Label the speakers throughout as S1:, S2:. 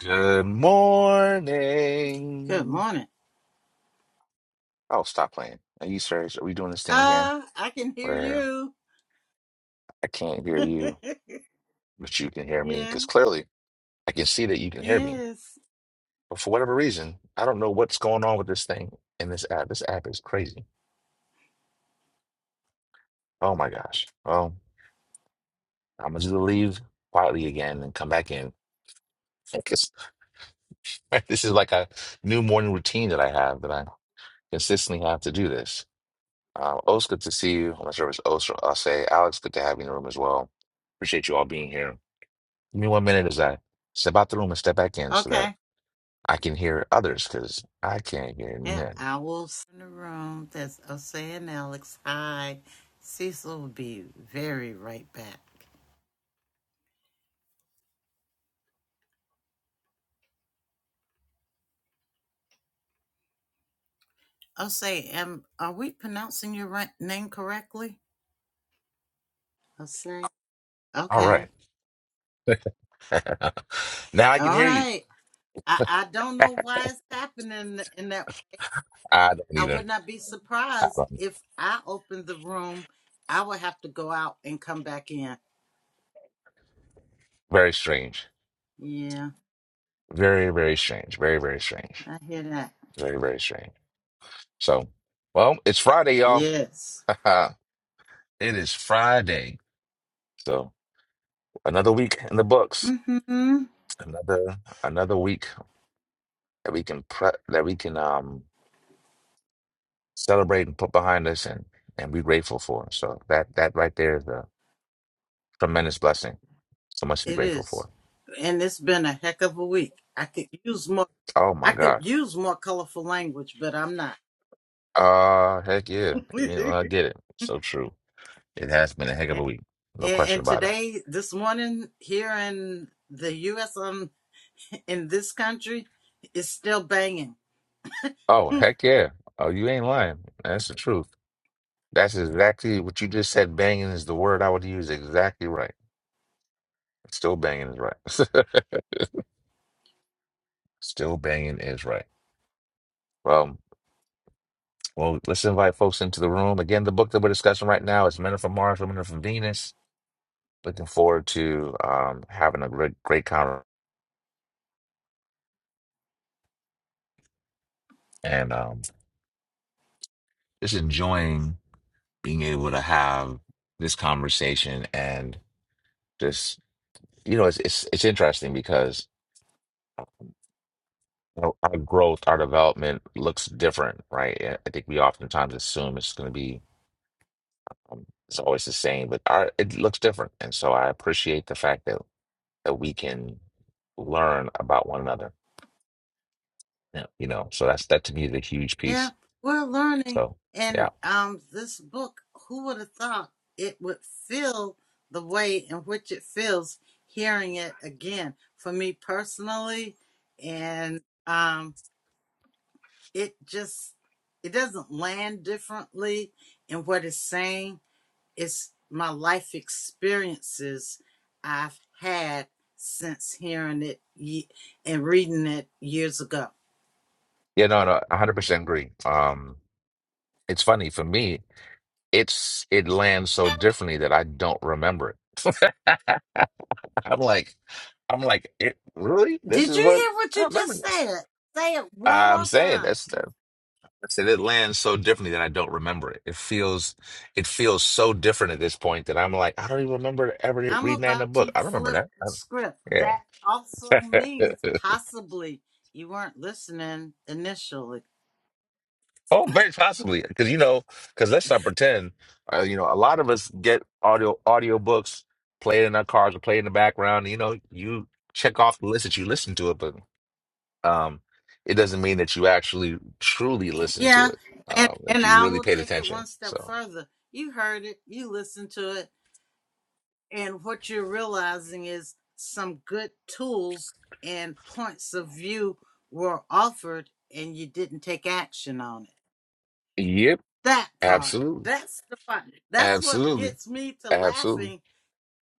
S1: Good
S2: Good
S1: morning.
S2: morning.
S1: Oh, stop playing. Are you serious? Are we doing this thing again
S2: Uh, I can hear
S1: where
S2: you.
S1: I can't hear you, but you can hear me?
S2: yeah.
S1: Because clearly I can see that you can hear me.
S2: Yes.
S1: But for whatever reason, I don't know what's going on with this thing in this app. This app is crazy. Oh my gosh. Well, I'm going to leave quietly again and come back in. 'Cause this is like a new morning routine that I have that I consistently have to do this. Um, O's, good to see you. I'm not sure if it's O's or Ose. Alex, good to have you in the room as well. Appreciate you all being here. Give me one minute as I step out the room and step back in so that
S2: Okay.
S1: I can hear others because I can't hear
S2: And
S1: none.
S2: I will send the room. That's Osei and Alex. Hi. Cecil will be very right back. Osei, am are we pronouncing your right name correctly? Osei.
S1: All
S2: Okay.
S1: right. now I
S2: All
S1: can hear you.
S2: right. I, I don't know why it's happening in that
S1: I don't
S2: I would
S1: either.
S2: not be
S1: I
S2: surprised
S1: don't.
S2: if I opened the room. I would have to go out and come back in.
S1: Very strange.
S2: Yeah.
S1: Very, very strange. Very, very strange.
S2: I hear that.
S1: Very, very strange. So, well, it's Friday, y'all.
S2: Yes.
S1: it is Friday. So, another week in the books.
S2: Mm-hmm.
S1: Another another week that we can pre- that we can um celebrate and put behind us and and be grateful for. So that that right there is a tremendous blessing. So much to be
S2: It
S1: grateful
S2: is.
S1: for.
S2: And it's been a heck of a week. I could use more
S1: Oh my
S2: I could
S1: God.
S2: use more colorful language, but I'm not.
S1: Uh heck yeah. You know, I
S2: and,
S1: get it. So true. It has been a heck of a week. No question
S2: and
S1: about it.
S2: today, this morning here in the US um in this country is still banging.
S1: Oh heck yeah. Oh, you ain't lying. That's the truth. That's exactly what you just said. Banging is the word I would use. Exactly right. Still banging is right. Still banging is right. well. Well, let's invite folks into the room. Again, the book that we're discussing right now is Men Are from Mars, Women Are from Venus. Looking forward to um, having a great, great conversation and um, just enjoying being able to have this conversation and just, you know, it's, it's, it's interesting because you know, our growth, our development looks different, right? And I think we oftentimes assume it's going to be, um, it's always the same, but our, it looks different. And so I appreciate the fact that, that we can learn about one another. Yeah. you know so that's that to me is a huge
S2: Yeah,
S1: piece
S2: we're learning.
S1: so
S2: And
S1: yeah
S2: um, this book, who would have thought it would feel the way in which it feels hearing it again for me personally? And um, it just, it doesn't land differently in what it's saying. It's my life experiences I've had since hearing it ye- and reading it years ago.
S1: yeah no no 100% agree um it's funny for me it's it lands so differently that i don't remember it i'm like i'm like it, really this
S2: Did
S1: is
S2: you
S1: what
S2: hear what
S1: i
S2: you
S1: remember
S2: just
S1: this
S2: said? Say it one
S1: i'm
S2: more
S1: saying
S2: time.
S1: that's the I said it lands so differently that I don't remember it. It feels, it feels so different at this point that I'm like, I don't even remember ever
S2: I'm
S1: reading that in a
S2: about
S1: book.
S2: to
S1: I remember
S2: flip
S1: that.
S2: the script.
S1: I-
S2: That also
S1: yeah.
S2: means possibly you weren't listening initially.
S1: Oh, very possibly, because you know, because let's not pretend. Uh, you know, a lot of us get audio audio books played in our cars or played in the background. You know, you check off the list that you listen to it, but um, it doesn't mean that you actually truly listen to
S2: Yeah,
S1: it.
S2: and
S1: Um, that
S2: and
S1: you
S2: I
S1: really
S2: will
S1: paid
S2: take it
S1: attention.
S2: one step
S1: So,
S2: further. You heard it, you listened to it, and what you're realizing is some good tools and points of view were offered and you didn't take action on it.
S1: yep,
S2: That part.
S1: absolutely,
S2: That's the part. That's what
S1: absolutely,
S2: gets me to
S1: absolutely,
S2: laughing,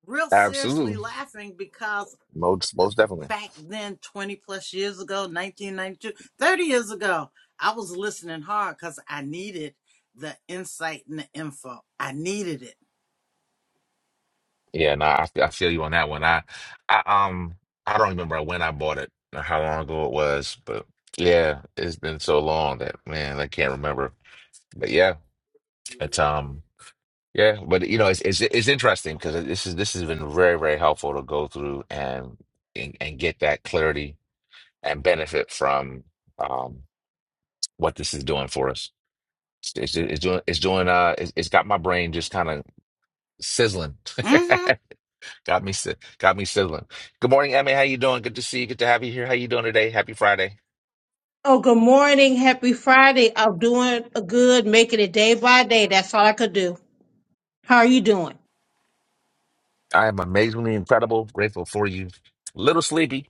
S2: real seriously
S1: absolutely,
S2: laughing, because
S1: most most definitely.
S2: back then, 20 plus years ago, 1992, 30 years ago, I was listening hard because I needed the insight and the info. I needed it.
S1: Yeah, no, I, I feel you on that one. I, I um I don't remember when I bought it or how long ago it was, but yeah, it's been so long that man, I can't remember. But yeah, it's um yeah, but you know, it's it's it's interesting because this is this has been very very helpful to go through and and, and get that clarity and benefit from um what this is doing for us. It's, it's it's doing it's doing uh it's, it's got my brain just kind of sizzling
S2: hmm
S1: Got me, si- got me sizzling. Good morning, Emma. How you doing? Good to see you. Good to have you here. How you doing today? Happy Friday.
S3: Oh, good morning. Happy Friday. I'm doing good, making it day by day. That's all I could do. How are you doing?
S1: I am amazingly incredible. Grateful for you. A little sleepy.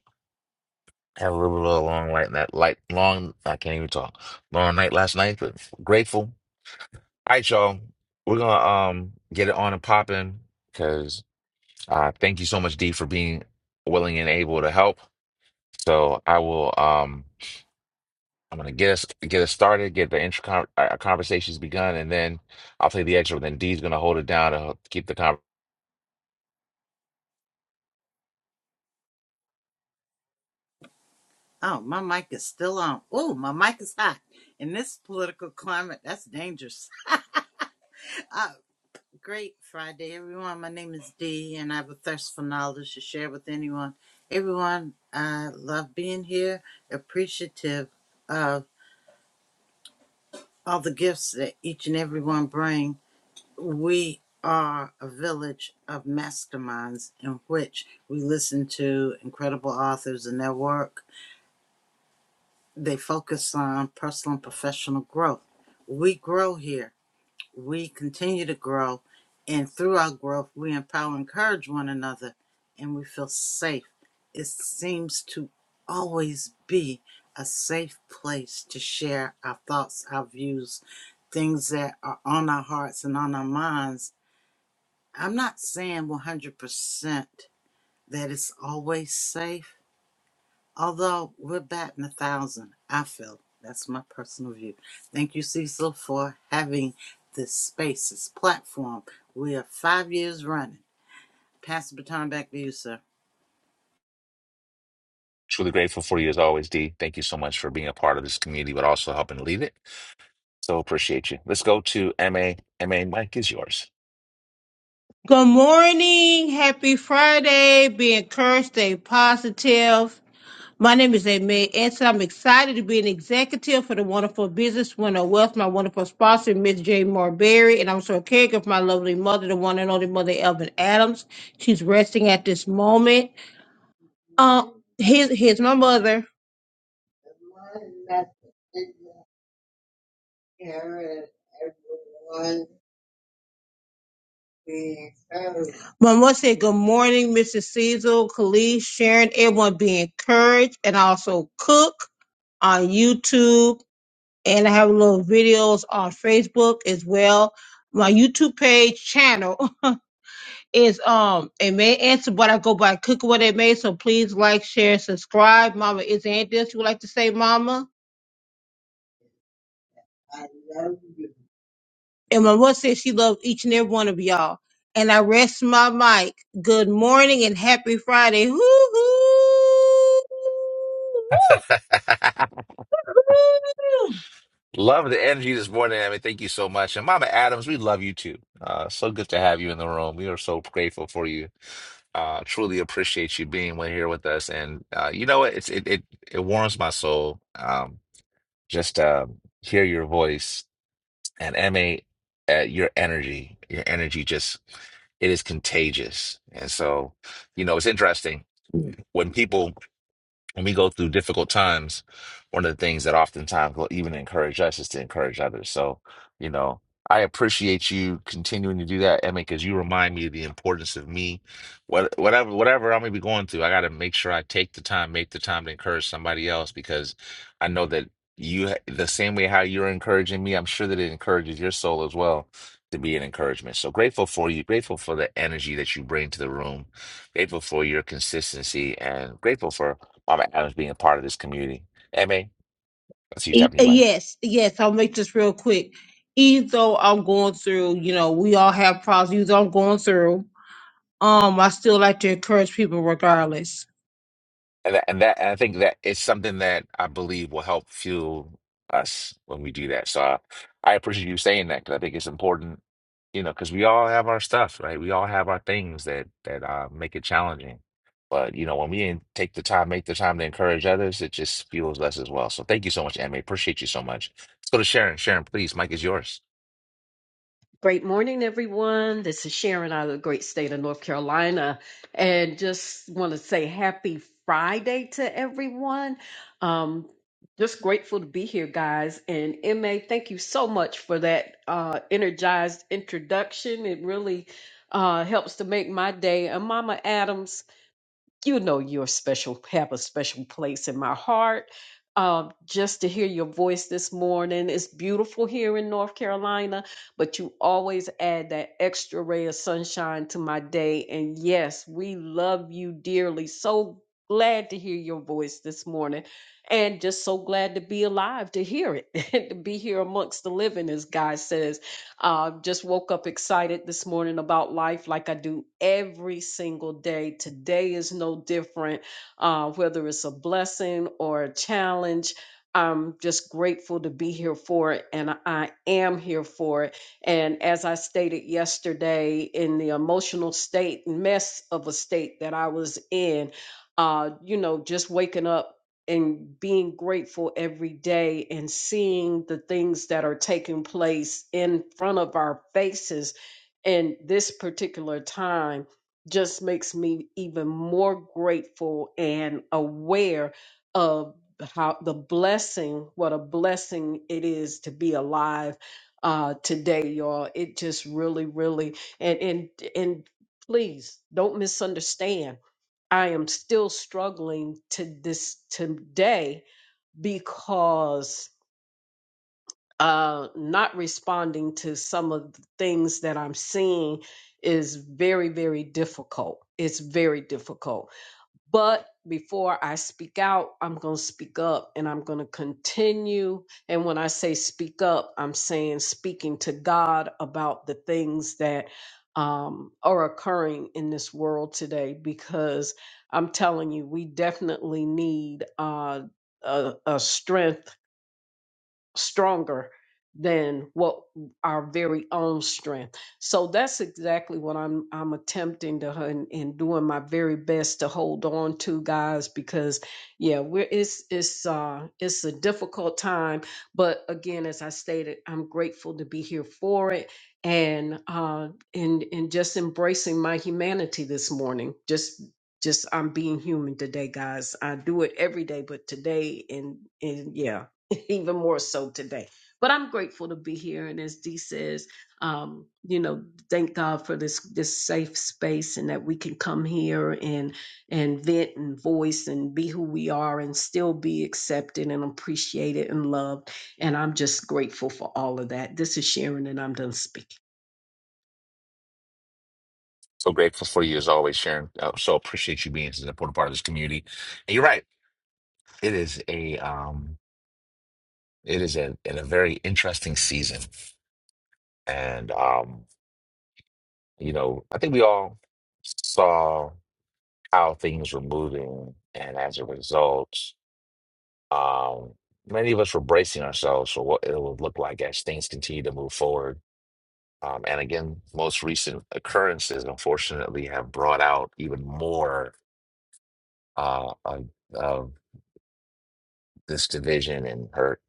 S1: Had a little, little long light that light long. I can't even talk. Long night last night, but grateful. All right, y'all. We're gonna um get it on and popping because uh, thank you so much, D, for being willing and able to help. So I will. Um, I'm gonna get us get us started, get the intro con uh, uh, conversations begun, and then I'll play the extra. Then Dee's gonna hold it down to help keep the con.
S2: Oh, my mic is still on. Oh, my mic is hot. In this political climate, that's dangerous. I, Great Friday, everyone. My name is Dee, and I have a thirst for knowledge to share with anyone. Everyone, I love being here, appreciative of all the gifts that each and every one bring. We are a village of masterminds in which we listen to incredible authors and their work. They focus on personal and professional growth. We grow here we continue to grow and through our growth we empower and encourage one another and we feel safe it seems to always be a safe place to share our thoughts our views things that are on our hearts and on our minds i'm not saying 100% that it's always safe Although we're batting a thousand, I feel that's my personal view. Thank you, Cecil, for having this space, this platform. We are five years running. Pass the baton back to you, sir.
S1: Truly grateful for you as always, Dee. Thank you so much for being a part of this community, but also helping lead it. So appreciate you. Let's go to MA. MA, Mike is yours.
S3: Good morning. Happy Friday. Be encouraged, stay positive. My name is Amy Anson. I'm excited to be an executive for the wonderful business winner of wealth, my wonderful sponsor, Miss J. Marberry, and I'm also a caregiver for my lovely mother, the one and only mother, Elvin Adams. She's resting at this moment. Uh, here's, here's my mother. But I want to say good morning, Mrs. Cecil, Khalees, Sharon, everyone be encouraged and I also cook on YouTube. And I have little videos on Facebook as well. My YouTube page channel is um it may answer, but I go by cook what it may. So please like, share, subscribe. Mama, is there anything else you would like to say, Mama? And my mother said she loved each and every one of y'all. And I rest my mic. Good morning and happy Friday. Hoo hoo. Woo.
S1: love the energy this morning, MA. Thank you so much. And Mama Adams, we love you too. Uh, so good to have you in the room. We are so grateful for you uh truly appreciate you being here with us and uh you know what it's it it, it warms my soul Um, Just um, hear your voice and MA, uh, your energy, your energy just, it is contagious. And so, you know, it's interesting when people when we go through difficult times, one of the things that oftentimes will even encourage us is to encourage others. So, you know, I appreciate you continuing to do that, Emma, because you remind me of the importance of me. What, whatever, whatever i may be going through, I got to make sure I take the time, make the time to encourage somebody else, because I know that you, ha- the same way how you're encouraging me, I'm sure that it encourages your soul as well to be an encouragement. So grateful for you, grateful for the energy that you bring to the room, grateful for your consistency, and grateful for Mama Adams being a part of this community. I mean, that's a huge
S3: E- uh,
S1: happening, Mike.
S3: Yes, yes, I'll make this real quick. Even though I'm going through, you know, we all have problems. Even though I'm going through, Um, I still like to encourage people regardless.
S1: And that, and that, and I think that it's something that I believe will help fuel us when we do that. So I, I appreciate you saying that because I think it's important, you know, because we all have our stuff, right? We all have our things that that uh, make it challenging. But you know, when we in- take the time, make the time to encourage others, it just fuels us as well. So thank you so much, Emma. Appreciate you so much. Let's go to Sharon. Sharon, please. Mike is yours.
S4: Great morning, everyone. This is Sharon out of the great state of North Carolina. And just want to say happy Friday to everyone. Um, just grateful to be here, guys. And MA, thank you so much for that uh, energized introduction. It really uh, helps to make my day. And Mama Adams, you know you're special have a special place in my heart um, just to hear your voice this morning it's beautiful here in north carolina but you always add that extra ray of sunshine to my day and yes we love you dearly so glad to hear your voice this morning and just so glad to be alive to hear it and to be here amongst the living as god says uh, just woke up excited this morning about life like I do every single day. Today is no different, uh, whether it's a blessing or a challenge. I'm just grateful to be here for it, and I am here for it. And as I stated yesterday, in the emotional state, mess of a state that I was in, uh, you know, just waking up and being grateful every day and seeing the things that are taking place in front of our faces in this particular time just makes me even more grateful and aware of how the blessing what a blessing it is to be alive uh today y'all it just really really and and and please don't misunderstand I am still struggling to this today because uh, not responding to some of the things that I'm seeing is very, very difficult. It's very difficult but before I speak out, I'm going to speak up and I'm going to continue. And when I say speak up, I'm saying speaking to God about the things that um, are occurring in this world today because I'm telling you, we definitely need uh, a, a strength stronger than what our very own strength. So that's exactly what I'm I'm attempting to and, and doing my very best to hold on to guys because yeah we're it's it's uh it's a difficult time but again as I stated I'm grateful to be here for it and uh and and just embracing my humanity this morning just just I'm being human today guys I do it every day but today and and yeah even more so today. But I'm grateful to be here, and as Dee says, um, you know, thank God for this this safe space, and that we can come here and and vent and voice and be who we are, and still be accepted and appreciated and loved. And I'm just grateful for all of that. This is Sharon, and I'm done speaking.
S1: So grateful for you as always, Sharon. Uh, so appreciate you being such an important part of this community. And you're right. It is a um, it is a, in a very interesting season, and um, you know, I think we all saw how things were moving, and as a result, um, many of us were bracing ourselves for what it would look like as things continue to move forward. Um, and again, most recent occurrences, unfortunately, have brought out even more uh, of this division and hurt.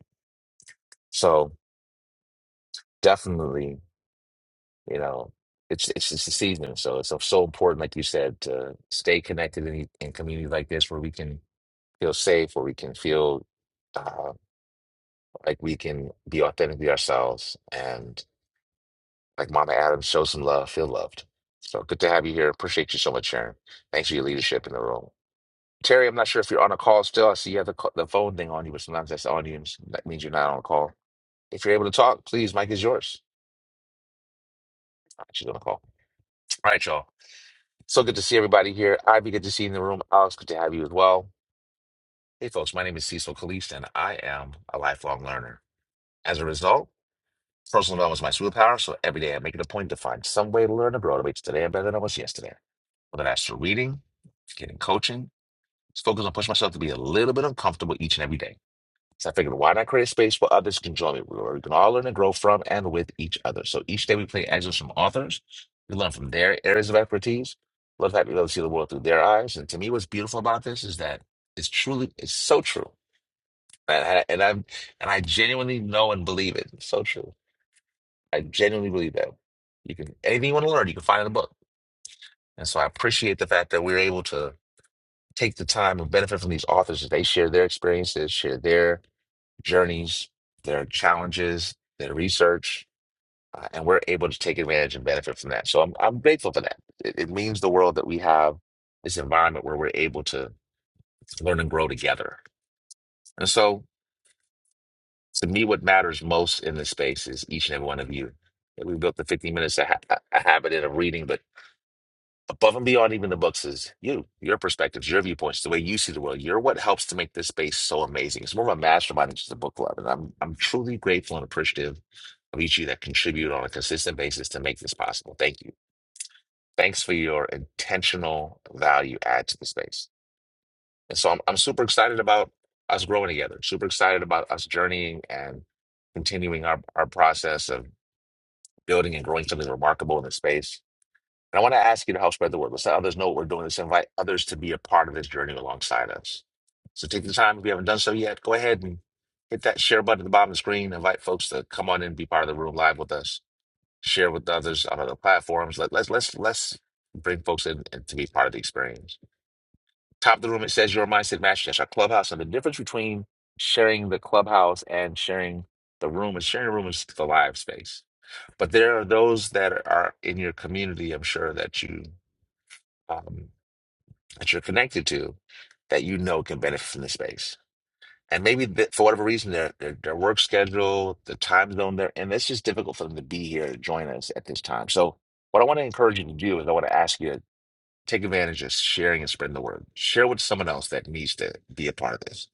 S1: So definitely, you know, it's it's it's the season. So it's so important, like you said, to stay connected in in communities like this where we can feel safe, where we can feel uh, like we can be authentically ourselves, and like Mama Adams, show some love, feel loved. So good to have you here. Appreciate you so much, Sharon. Thanks for your leadership in the role. Terry, I'm not sure if you're on a call still. I see you have the, co- the phone thing on you, but sometimes that's on you. and That means you're not on a call. If you're able to talk, please, Mike is yours. She's on a call. All right, y'all. So good to see everybody here. Ivy, good to see you in the room. Alex, good to have you as well. Hey, folks, my name is Cecil Kalist, and I am a lifelong learner. As a result, personal development is my superpower, so every day I make it a point to find some way to learn abroad. It makes today better than I was yesterday. Whether that's through reading, getting coaching, just focus on pushing myself to be a little bit uncomfortable each and every day. So I figured, why not create a space where others can join me, where we can all learn and grow from and with each other. So each day we play excerpts from authors. We learn from their areas of expertise. Love that we be able to see the world through their eyes. And to me, what's beautiful about this is that it's truly, it's so true. And I, and I, and I genuinely know and believe it. It's so true. I genuinely believe that. You can, anything you want to learn, you can find in a book. And so I appreciate the fact that we're able to take the time and benefit from these authors as they share their experiences, share their journeys, their challenges, their research, uh, and we're able to take advantage and benefit from that. So I'm I'm grateful for that. It, it means the world that we have this environment where we're able to learn and grow together. And so to me, what matters most in this space is each and every one of you. And We built the 15 minutes a, ha- a habit in of reading, but above and beyond even the books is you, your perspectives, your viewpoints, the way you see the world. You're what helps to make this space so amazing. It's more of a mastermind than just a book club. And I'm I'm truly grateful and appreciative of each of you that contribute on a consistent basis to make this possible. Thank you. Thanks for your intentional value add to the space. And so I'm I'm super excited about us growing together, super excited about us journeying and continuing our, our process of building and growing something remarkable in the space and I want to ask you to help spread the word. Let's let others know what we're doing. Let's invite others to be a part of this journey alongside us. So take the time, if you haven't done so yet, go ahead and hit that share button at the bottom of the screen. Invite folks to come on in be part of the room live with us. Share with others on other platforms. Let, let's let's let's bring folks in and to be part of the experience. Top of the room, it says your mindset match. That's our clubhouse. And the difference between sharing the clubhouse and sharing the room is sharing the room is the live space. But there are those that are in your community, I'm sure that you um, that you're connected to that you know can benefit from the space. And maybe that for whatever reason, their, their their work schedule, the time zone they're in, it's just difficult for them to be here to join us at this time. So, what I want to encourage you to do is I want to ask you to take advantage of sharing and spreading the word. Share with someone else that needs to be a part of this.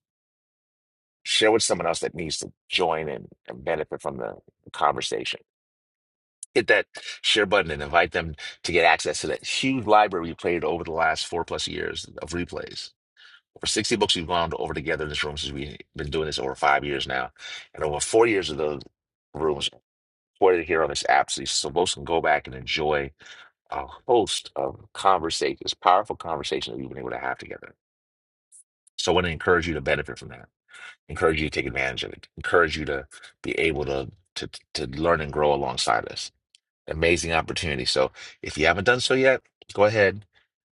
S1: Share with someone else that needs to join and, and benefit from the conversation. Hit that share button and invite them to get access to that huge library we created over the last four plus years of replays Over 60 books we've gone over together in this room since we've been doing this over five years now. And over four years of those rooms recorded here on this app. So so folks can go back and enjoy a host of conversations, powerful conversations that we've been able to have together. So I want to encourage you to benefit from that. Encourage you to take advantage of it. Encourage you to be able to to, to learn and grow alongside us. Amazing opportunity. So if you haven't done so yet, go ahead,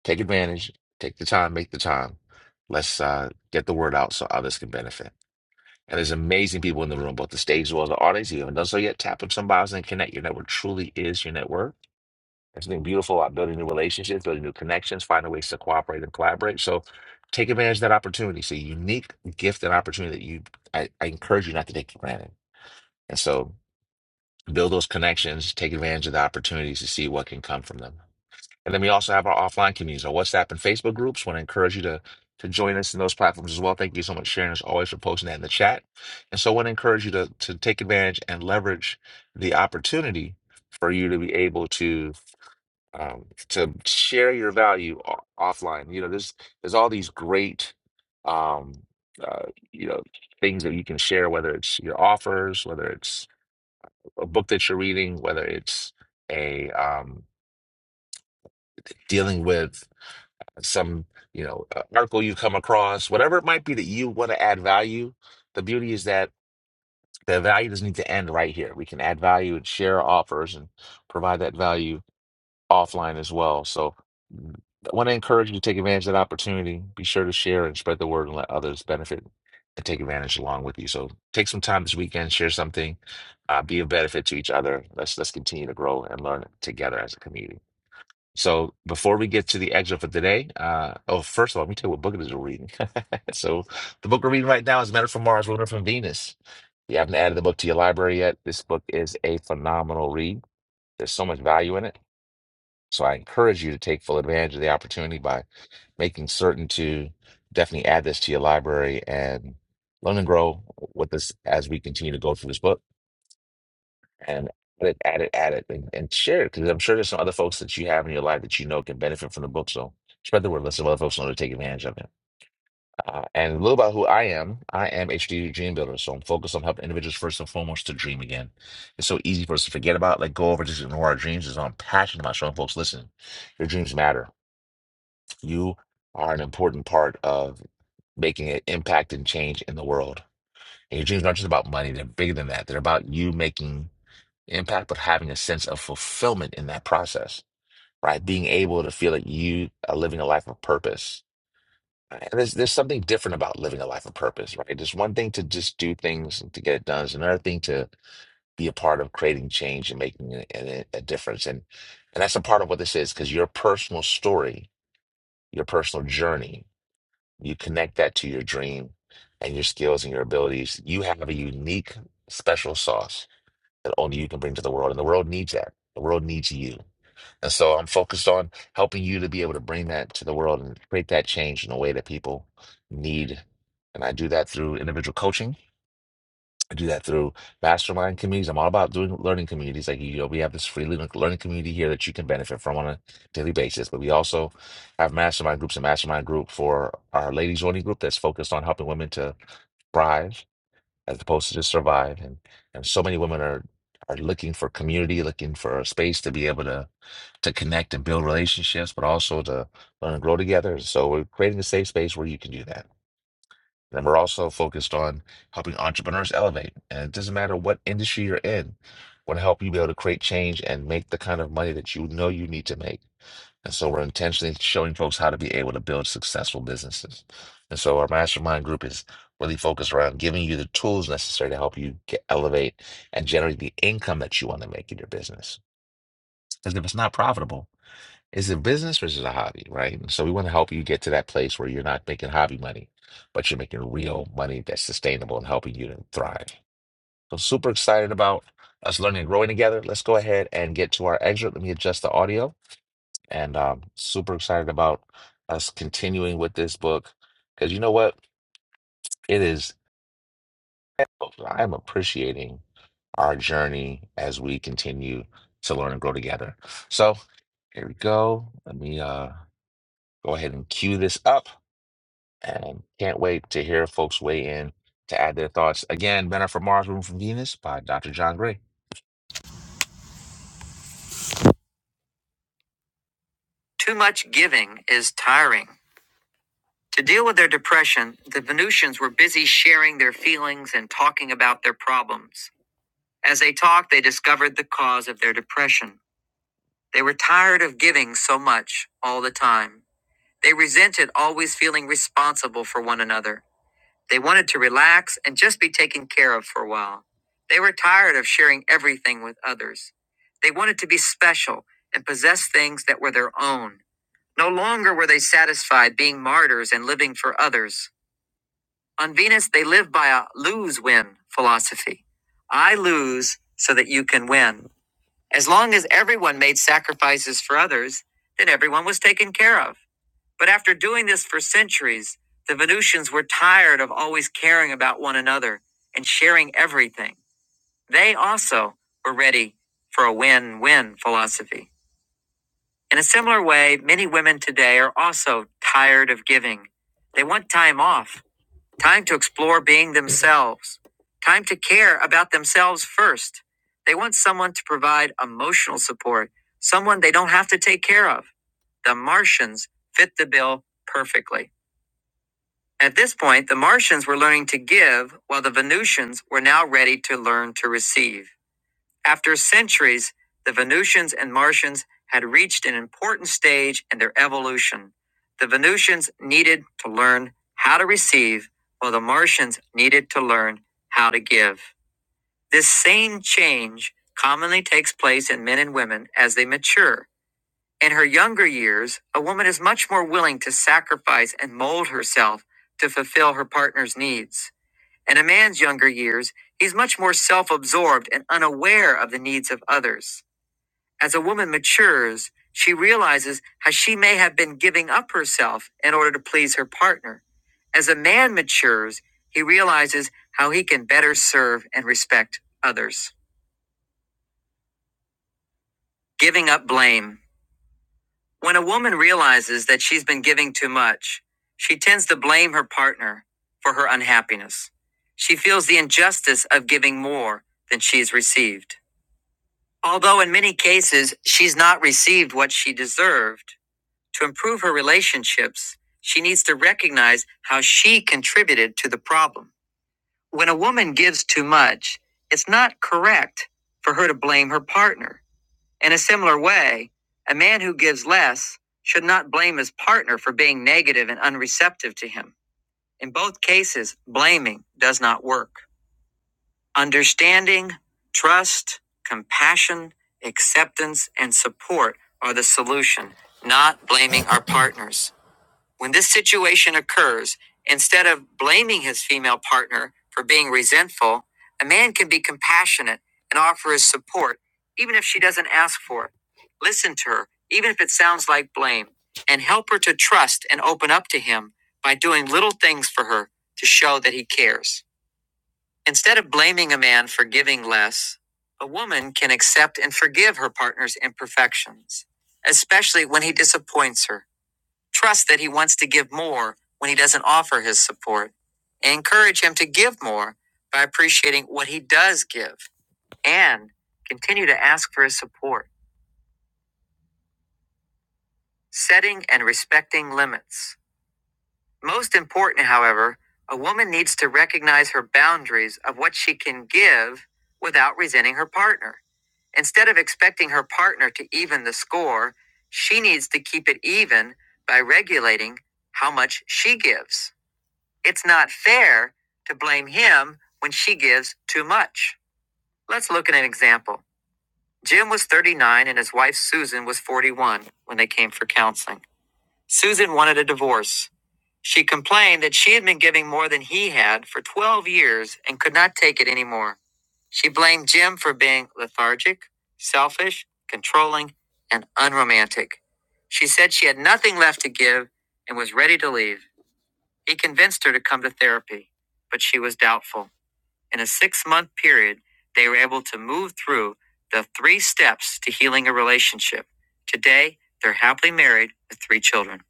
S1: take advantage, take the time, make the time. Let's uh, get the word out so others can benefit. And there's amazing people in the room, both the stage as well as the audience. If you haven't done so yet, tap on some bios and connect. Your network truly is your network. There's something beautiful about building new relationships, building new connections, finding ways to cooperate and collaborate. So take advantage of that opportunity. It's a unique gift and opportunity that you I, I encourage you not to take for granted. And so build those connections, take advantage of the opportunities to see what can come from them. And then we also have our offline communities, our WhatsApp and Facebook groups. Want to encourage you to to join us in those platforms as well. Thank you so much, Sharon, as always, for posting that in the chat. And so, I want to encourage you to to take advantage and leverage the opportunity for you to be able to um, to share your value o- offline. You know, there's there's all these great um, uh, you know things that you can share, whether it's your offers, whether it's a book that you're reading, whether it's a um, dealing with some you know uh, article you come across whatever it might be that you want to add value the beauty is that the value doesn't need to end right here we can add value and share offers and provide that value offline as well so mm, i want to encourage you to take advantage of that opportunity be sure to share and spread the word and let others benefit and take advantage along with you so take some time this weekend share something uh, be a benefit to each other let's let's continue to grow and learn together as a community so before we get to the excerpt for today, uh, oh, first of all, let me tell you what book it is we're reading. so the book we're reading right now is Men Are from Mars, Women Are from Venus. If you haven't added the book to your library yet, this book is a phenomenal read. There's so much value in it. So I encourage you to take full advantage of the opportunity by making certain to definitely add this to your library and learn and grow with this as we continue to go through this book and add it, add it, add it, and, and share it because I'm sure there's some other folks that you have in your life that you know can benefit from the book. So spread the word. Let some other folks know to take advantage of it. Uh, and a little about who I am. I am HD Dream Builder, so I'm focused on helping individuals first and foremost to dream again. It's so easy for us to forget about, let go of, or just ignore our dreams. Is I'm passionate about showing folks, listen, your dreams matter. You are an important part of making an impact and change in the world. And your dreams aren't just about money, they're bigger than that. They're about you making impact, but having a sense of fulfillment in that process, right? Being able to feel that you are living a life of purpose. right? And there's there's something different about living a life of purpose, right? It's one thing to just do things and to get it done. It's another thing to be a part of creating change and making a, a, a difference. And and that's a part of what this is, because your personal story, your personal journey you connect that to your dream and your skills and your abilities. You have a unique, special sauce that only you can bring to the world. And the world needs that. The world needs you. And so I'm focused on helping you to be able to bring that to the world and create that change in a way that people need. And I do that through individual coaching. I do that through mastermind communities. I'm all about doing learning communities. Like, you know, we have this free learning learning community here that you can benefit from on a daily basis. But we also have mastermind groups, a mastermind group for our ladies only group that's focused on helping women to thrive as opposed to just survive. And and so many women are are looking for community, looking for a space to be able to to connect and build relationships, but also to learn and grow together. So we're creating a safe space where you can do that. And we're also focused on helping entrepreneurs elevate. And it doesn't matter what industry you're in, want to help you be able to create change and make the kind of money that you know you need to make. And so we're intentionally showing folks how to be able to build successful businesses. And so our mastermind group is really focused around giving you the tools necessary to help you get, elevate and generate the income that you want to make in your business. Because if it's not profitable, is it a business or is it a hobby, right? And so we want to help you get to that place where you're not making hobby money, but you're making real money that's sustainable and helping you to thrive. So super excited about us learning and growing together. Let's go ahead and get to our excerpt. Let me adjust the audio. And um, super excited about us continuing with this book because you know what? It is, I'm appreciating our journey as we continue to learn and grow together. So here we go. Let me uh, go ahead and cue this up. And can't wait to hear folks weigh in to add their thoughts. Again, Men Are From Mars, Room from Venus by Dr. John Gray. Too much giving is tiring. To deal with their depression, the Venusians were busy sharing their feelings and talking about their problems. As they talked, they discovered the cause of their depression. They were tired of giving so much all the time. They resented always feeling responsible for one another. They wanted to relax and just be taken care of for a while. They were tired of sharing everything with others. They wanted to be special and possess things that were their own. No longer were they satisfied being martyrs and living for others. On Venus, they lived by a lose win philosophy I lose so that you can win. As long as everyone made sacrifices for others, then everyone was taken care of. But after doing this for centuries, the Venusians were tired of always caring about one another and sharing everything. They also were ready for a win win philosophy. In a similar way, many women today are also tired of giving. They want time off, time to explore being themselves, time to care about themselves first. They want someone to provide emotional support, someone they don't have to take care of. The Martians fit the bill perfectly. At this point, the Martians were learning to give, while the Venusians were now ready to learn to receive. After centuries, the Venusians and Martians had reached an important stage in their evolution. The Venusians needed to learn how to receive, while the Martians needed to learn how to give. This same change commonly takes place in men and women as they mature. In her younger years, a woman is much more willing to sacrifice and mold herself to fulfill her partner's needs. In a man's younger years, he's much more self absorbed and unaware of the needs of others. As a woman matures, she realizes how she may have been giving up herself in order to please her partner. As a man matures, he realizes how he can better serve and respect others. Giving up blame. When a woman realizes that she's been giving too much, she tends to blame her partner for her unhappiness. She feels the injustice of giving more than she's received. Although in many cases she's not received what she deserved, to improve her relationships, she needs to recognize how she contributed to the problem. When a woman gives too much, it's not correct for her to blame her partner. In a similar way, a man who gives less should not blame his partner for being negative and unreceptive to him. In both cases, blaming does not work. Understanding, trust, compassion, acceptance, and support are the solution, not blaming our partners. When this situation occurs, instead of blaming his female partner for being resentful, a man can be compassionate and offer his support, even if she doesn't ask for it. Listen to her, even if it sounds like blame, and help her to trust and open up to him by doing little things for her to show that he cares. Instead of blaming a man for giving less, a woman can accept and forgive her partner's imperfections, especially when he disappoints her Trust that he wants to give more when he doesn't offer his support. And encourage him to give more by appreciating what he does give. And continue to ask for his support, setting and respecting limits. Most important, however, a woman needs to recognize her boundaries of what she can give without resenting her partner. Instead of expecting her partner to even the score, she needs to keep it even by regulating how much she gives. It's not fair to blame him when she gives too much. Let's look at an example. Jim was 39 and his wife Susan was 41 when they came for counseling. Susan wanted a divorce. She complained that she had been giving more than he had for 12 years and could not take it anymore. She blamed Jim for being lethargic, selfish, controlling, and unromantic. She said she had nothing left to give and was ready to leave. He convinced her to come to therapy, but she was doubtful. In a six month period, they were able to move through the three steps to healing a relationship. Today, they're happily married with three children.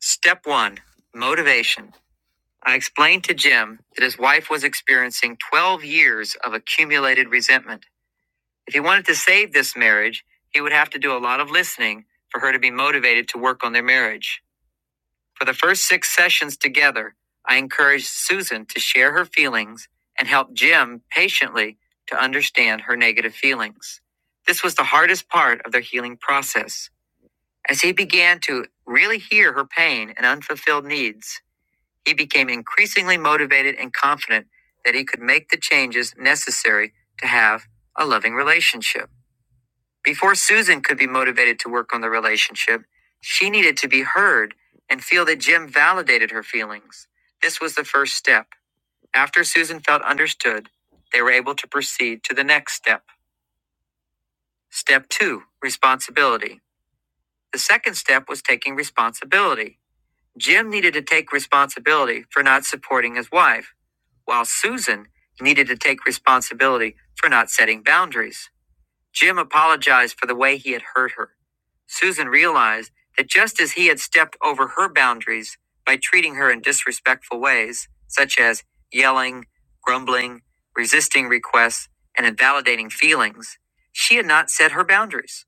S1: Step one motivation. I explained to Jim that his wife was experiencing 12 years of accumulated resentment. If he wanted to save this marriage, he would have to do a lot of listening for her to be motivated to work on their marriage. For the first six sessions together, I encouraged Susan to share her feelings and help Jim patiently to understand her negative feelings. This was the hardest part of their healing process. As he began to really hear her pain and unfulfilled needs, he became increasingly motivated and confident that he could make the changes necessary to have a loving relationship. Before Susan could be motivated to work on the relationship, she needed to be heard and feel that Jim validated her feelings. This was the first step. After Susan felt understood, they were able to proceed to the next step. Step two responsibility. The second step was taking responsibility. Jim needed to take responsibility for not supporting his wife, while Susan needed to take responsibility for not setting boundaries. Jim apologized for the way he had hurt her. Susan realized that just as he had stepped over her boundaries by treating her in disrespectful ways, such as yelling, grumbling, resisting requests, and invalidating feelings, she had not set her boundaries.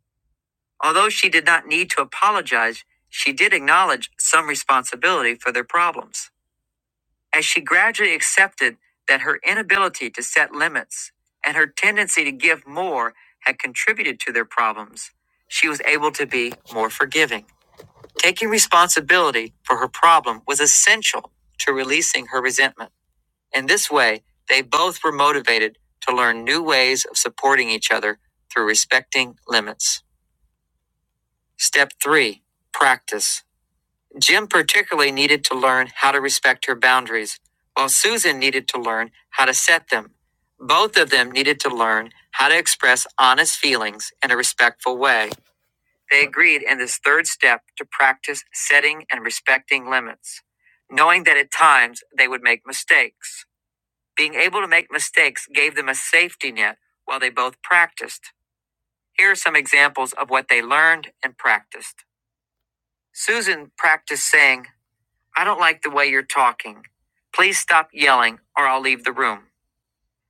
S1: Although she did not need to apologize, she did acknowledge some responsibility for their problems as she gradually accepted that her inability to set limits and her tendency to give more had contributed to their problems, she was able to be more forgiving. Taking responsibility for her problem was essential to releasing her resentment. In this way, they both were motivated to learn new ways of supporting each other through respecting limits. Step three practice. Jim particularly needed to learn how to respect her boundaries, while Susan needed to learn how to set them. Both of them needed to learn how to express honest feelings in a respectful way. They agreed in this third step to practice setting and respecting limits, knowing that at times they would make mistakes. Being able to make mistakes gave them a safety net while they both practiced. Here are some examples of what they learned and practiced. Susan practiced saying, I don't like the way you're talking. Please stop yelling or I'll leave the room.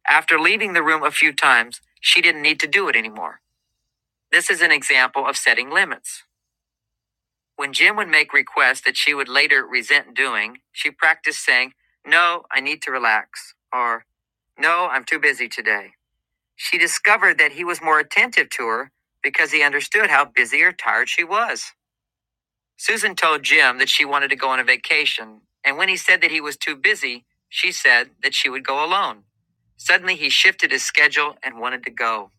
S1: After leaving the room a few times, she didn't need to do it anymore. This is an example of setting limits. When Jim would make requests that she would later resent doing, she practiced saying, No, I need to relax, or No, I'm too busy today. She discovered that he was more attentive to her because he understood how busy or tired she was. Susan told Jim that she wanted to go on a vacation, and when he said that he was too busy, she said that she would go alone. Suddenly, he shifted his schedule and wanted to go.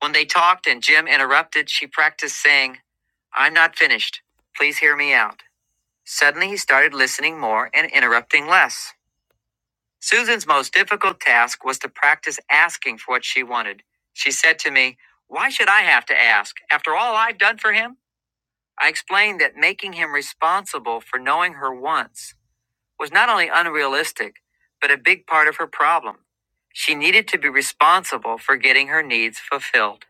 S1: When they talked and Jim interrupted, she practiced saying, I'm not finished. Please hear me out. Suddenly, he started listening more and interrupting less. Susan's most difficult task was to practice asking for what she wanted. She said to me, Why should I have to ask? After all I've done for him? I explained that making him responsible for knowing her wants was not only unrealistic, but a big part of her problem. She needed to be responsible for getting her needs fulfilled.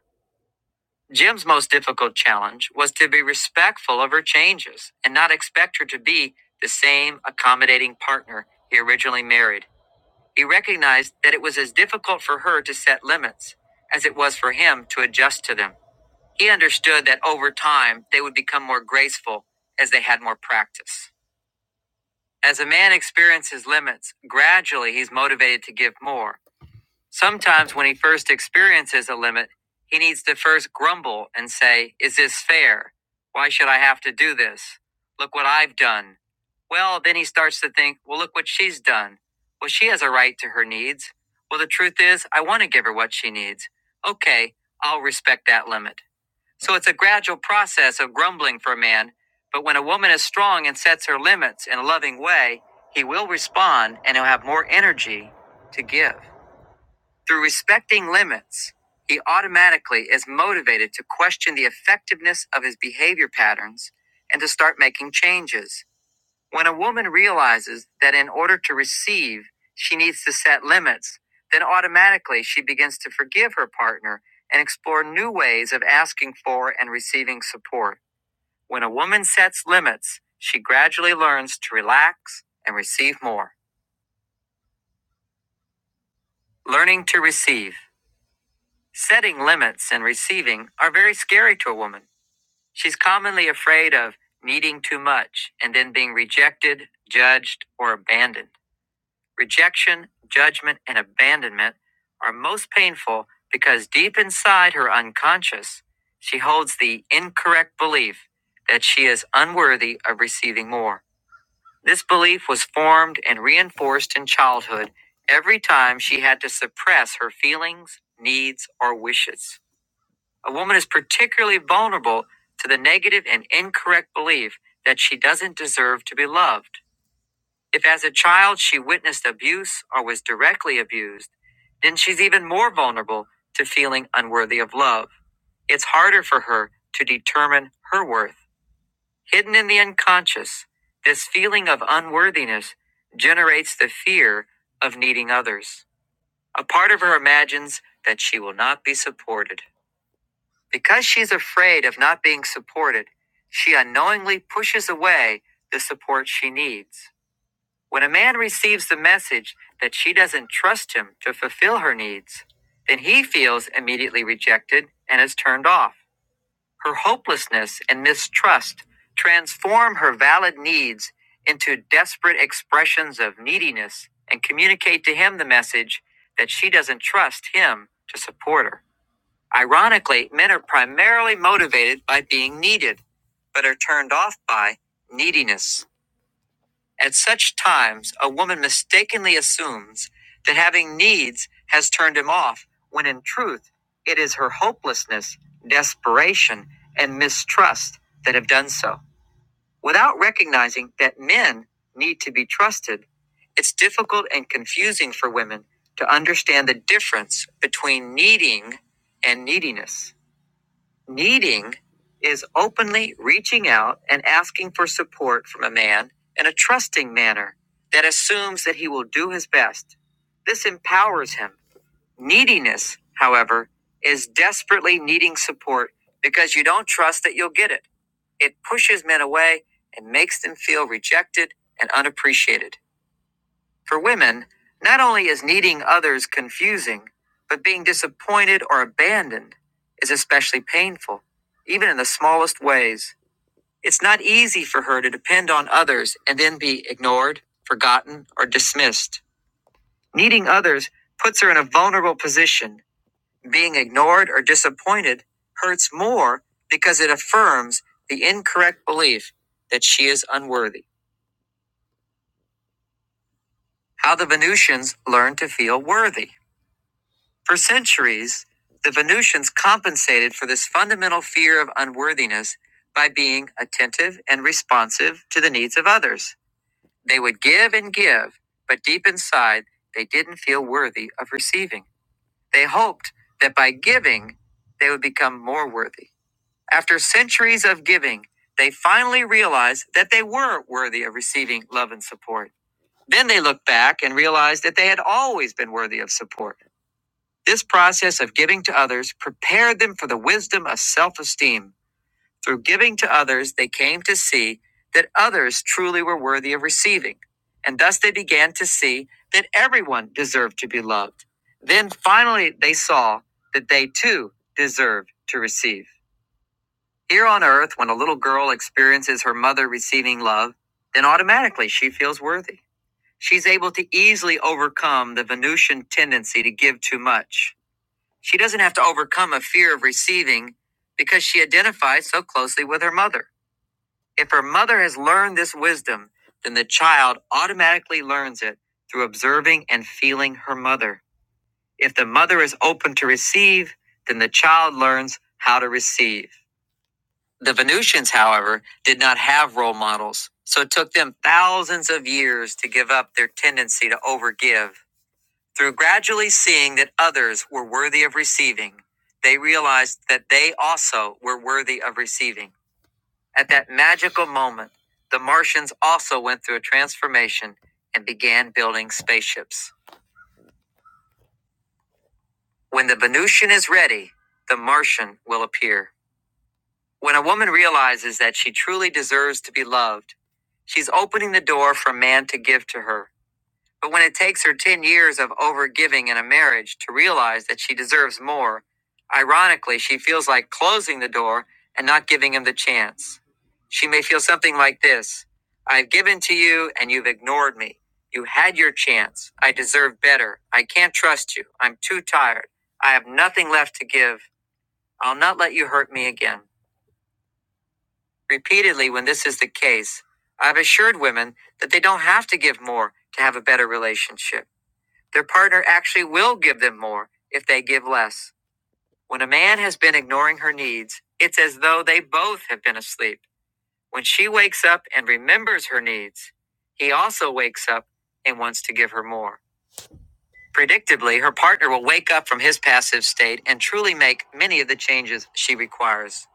S1: Jim's most difficult challenge was to be respectful of her changes and not expect her to be the same accommodating partner he originally married. He recognized that it was as difficult for her to set limits as it was for him to adjust to them. He understood that over time they would become more graceful as they had more practice. As a man experiences limits, gradually he's motivated to give more. Sometimes when he first experiences a limit, he needs to first grumble and say, Is this fair? Why should I have to do this? Look what I've done. Well, then he starts to think, Well, look what she's done. Well, she has a right to her needs. Well, the truth is, I want to give her what she needs. Okay, I'll respect that limit. So it's a gradual process of grumbling for a man, but when a woman is strong and sets her limits in a loving way, he will respond and he'll have more energy to give. Through respecting limits, he automatically is motivated to question the effectiveness of his behavior patterns and to start making changes. When a woman realizes that in order to receive, she needs to set limits, then automatically she begins to forgive her partner and explore new ways of asking for and receiving support. When a woman sets limits, she gradually learns to relax and receive more. Learning to receive. Setting limits and receiving are very scary to a woman. She's commonly afraid of needing too much and then being rejected, judged, or abandoned. Rejection, judgment, and abandonment are most painful because deep inside her unconscious, she holds the incorrect belief that she is unworthy of receiving more. This belief was formed and reinforced in childhood every time she had to suppress her feelings, needs, or wishes. A woman is particularly vulnerable to the negative and incorrect belief that she doesn't deserve to be loved. If as a child she witnessed abuse or was directly abused, then she's even more vulnerable to feeling unworthy of love. It's harder for her to determine her worth. Hidden in the unconscious, this feeling of unworthiness generates the fear of needing others. A part of her imagines that she will not be supported. Because she's afraid of not being supported, she unknowingly pushes away the support she needs. When a man receives the message that she doesn't trust him to fulfill her needs, then he feels immediately rejected and is turned off. Her hopelessness and mistrust transform her valid needs into desperate expressions of neediness and communicate to him the message that she doesn't trust him to support her. Ironically, men are primarily motivated by being needed, but are turned off by neediness. At such times, a woman mistakenly assumes that having needs has turned him off, when in truth, it is her hopelessness, desperation, and mistrust that have done so. Without recognizing that men need to be trusted, it's difficult and confusing for women to understand the difference between needing and neediness. Needing is openly reaching out and asking for support from a man in a trusting manner that assumes that he will do his best. This empowers him. Neediness, however, is desperately needing support because you don't trust that you'll get it. It pushes men away and makes them feel rejected and unappreciated. For women, not only is needing others confusing, but being disappointed or abandoned is especially painful, even in the smallest ways. It's not easy for her to depend on others and then be ignored, forgotten, or dismissed. Needing others puts her in a vulnerable position. Being ignored or disappointed hurts more because it affirms the incorrect belief that she is unworthy. How the Venusians learn to feel worthy. For centuries, the Venusians compensated for this fundamental fear of unworthiness by being attentive and responsive to the needs of others. They would give and give, but deep inside, they didn't feel worthy of receiving. They hoped that by giving, they would become more worthy. After centuries of giving, they finally realized that they were worthy of receiving love and support. Then they looked back and realized that they had always been worthy of support. This process of giving to others prepared them for the wisdom of self esteem. Through giving to others, they came to see that others truly were worthy of receiving, and thus they began to see that everyone deserved to be loved. Then finally, they saw that they too deserved to receive. Here on earth, when a little girl experiences her mother receiving love, then automatically she feels worthy. She's able to easily overcome the Venusian tendency to give too much. She doesn't have to overcome a fear of receiving because she identifies so closely with her mother. If her mother has learned this wisdom, then the child automatically learns it through observing and feeling her mother. If the mother is open to receive, then the child learns how to receive. The Venusians, however, did not have role models, so it took them thousands of years to give up their tendency to overgive through gradually seeing that others were worthy of receiving, they realized that they also were worthy of receiving. At that magical moment, the Martians also went through a transformation and began building spaceships. When the Venusian is ready, the Martian will appear. When a woman realizes that she truly deserves to be loved, she's opening the door for a man to give to her. But when it takes her 10 years of overgiving in a marriage to realize that she deserves more, ironically, she feels like closing the door and not giving him the chance. She may feel something like this I've given to you and you've ignored me. You had your chance. I deserve better. I can't trust you. I'm too tired. I have nothing left to give. I'll not let you hurt me again. Repeatedly, when this is the case, I've assured women that they don't have to give more to have a better relationship. Their partner actually will give them more if they give less. When a man has been ignoring her needs, it's as though they both have been asleep. When she wakes up and remembers her needs, he also wakes up and wants to give her more. Predictably, her partner will wake up from his passive state and truly make many of the changes she requires.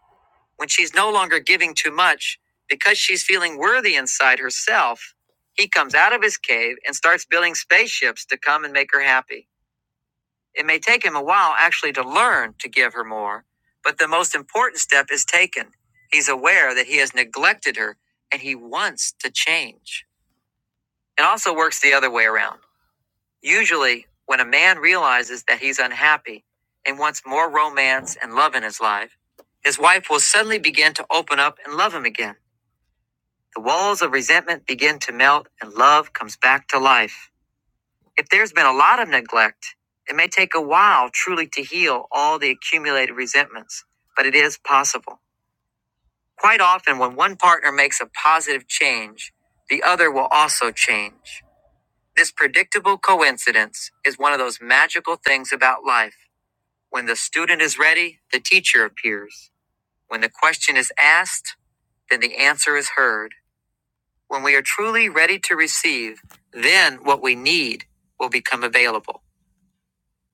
S1: When she's no longer giving too much because she's feeling worthy inside herself, he comes out of his cave and starts building spaceships to come and make her happy. It may take him a while actually to learn to give her more, but the most important step is taken. He's aware that he has neglected her and he wants to change. It also works the other way around. Usually, when a man realizes that he's unhappy and wants more romance and love in his life, his wife will suddenly begin to open up and love him again. The walls of resentment begin to melt and love comes back to life. If there's been a lot of neglect, it may take a while truly to heal all the accumulated resentments, but it is possible. Quite often, when one partner makes a positive change, the other will also change. This predictable coincidence is one of those magical things about life. When the student is ready, the teacher appears. When the question is asked, then the answer is heard. When we are truly ready to receive, then what we need will become available.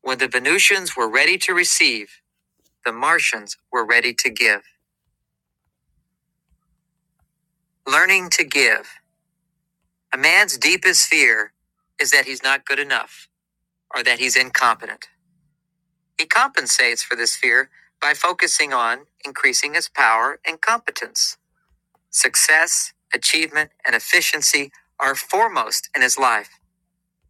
S1: When the Venusians were ready to receive, the Martians were ready to give. Learning to give. A man's deepest fear is that he's not good enough or that he's incompetent. He compensates for this fear by focusing on increasing his power and competence. Success, achievement, and efficiency are foremost in his life.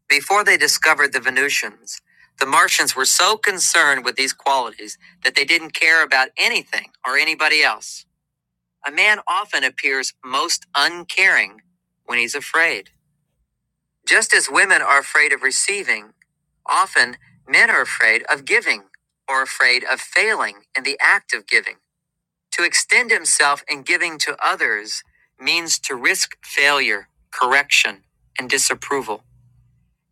S1: Before they discovered the Venusians, the Martians were so concerned with these qualities that they didn't care about anything or anybody else. A man often appears most uncaring when he's afraid. Just as women are afraid of receiving, often men are afraid of giving or afraid of failing in the act of giving. To extend himself in giving to others means to risk failure, correction, and disapproval.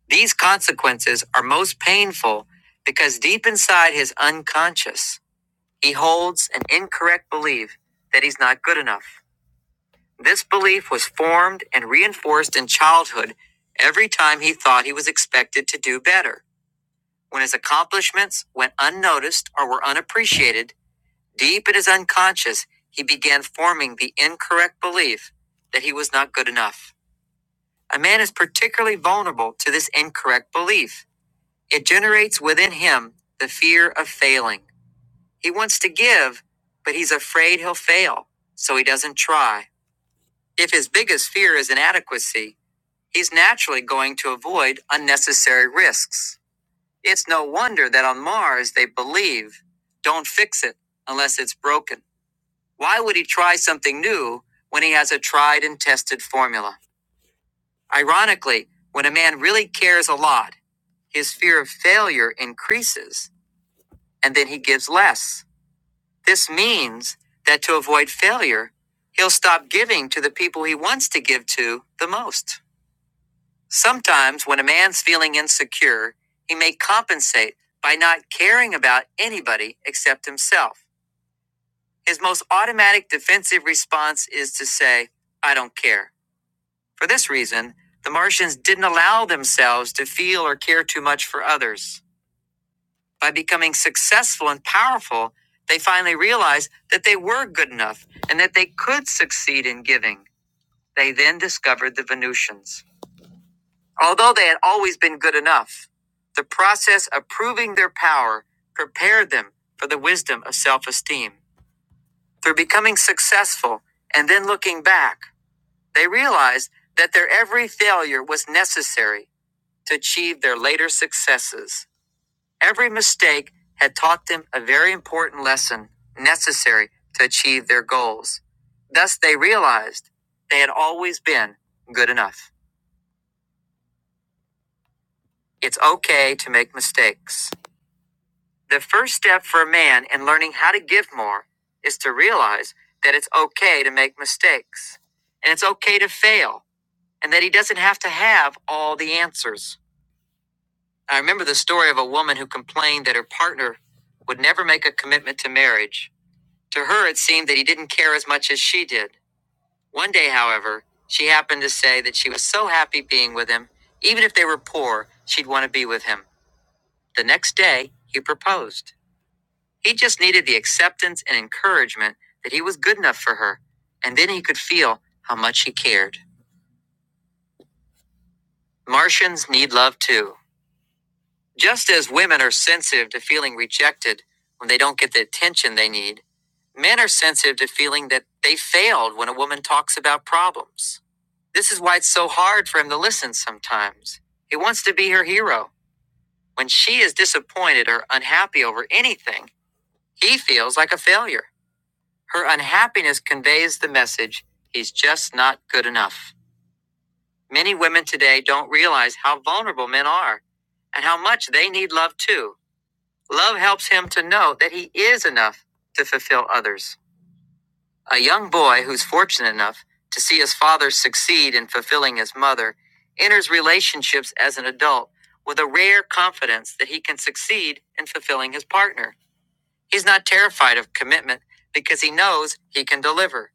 S1: These consequences are most painful because deep inside his unconscious, he holds an incorrect belief that he's not good enough. This belief was formed and reinforced in childhood every time he thought he was expected to do better. When his accomplishments went unnoticed or were unappreciated, deep in his unconscious, he began forming the incorrect belief that he was not good enough. A man is particularly vulnerable to this incorrect belief. It generates within him the fear of failing. He wants to give, but he's afraid he'll fail, so he doesn't try. If his biggest fear is inadequacy, He's naturally going to avoid unnecessary risks. It's no wonder that on Mars they believe don't fix it unless it's broken. Why would he try something new when he has a tried and tested formula? Ironically, when a man really cares a lot, his fear of failure increases and then he gives less. This means that to avoid failure, he'll stop giving to the people he wants to give to the most. Sometimes, when a man's feeling insecure, he may compensate by not caring about anybody except himself. His most automatic defensive response is to say, I don't care. For this reason, the Martians didn't allow themselves to feel or care too much for others. By becoming successful and powerful, they finally realized that they were good enough and that they could succeed in giving. They then discovered the Venusians. Although they had always been good enough, the process of proving their power prepared them for the wisdom of self esteem. Through becoming successful and then looking back, they realized that their every failure was necessary to achieve their later successes. Every mistake had taught them a very important lesson necessary to achieve their goals. Thus, they realized they had always been good enough. It's okay to make mistakes. The first step for a man in learning how to give more is to realize that it's okay to make mistakes and it's okay to fail and that he doesn't have to have all the answers. I remember the story of a woman who complained that her partner would never make a commitment to marriage. To her, it seemed that he didn't care as much as she did. One day, however, she happened to say that she was so happy being with him, even if they were poor, she'd want to be with him. The next day, he proposed. He just needed the acceptance and encouragement that he was good enough for her, and then he could feel how much he cared. Martians need love too. Just as women are sensitive to feeling rejected when they don't get the attention they need, men are sensitive to feeling that they failed when a woman talks about problems. This is why it's so hard for him to listen sometimes. He wants to be her hero. When she is disappointed or unhappy over anything, he feels like a failure. Her unhappiness conveys the message he's just not good enough. Many women today don't realize how vulnerable men are and how much they need love too. Love helps him to know that he is enough to fulfill others. A young boy who's fortunate enough to see his father succeed in fulfilling his mother enters relationships as an adult with a rare confidence that he can succeed in fulfilling his partner. He's not terrified of commitment because he knows he can deliver.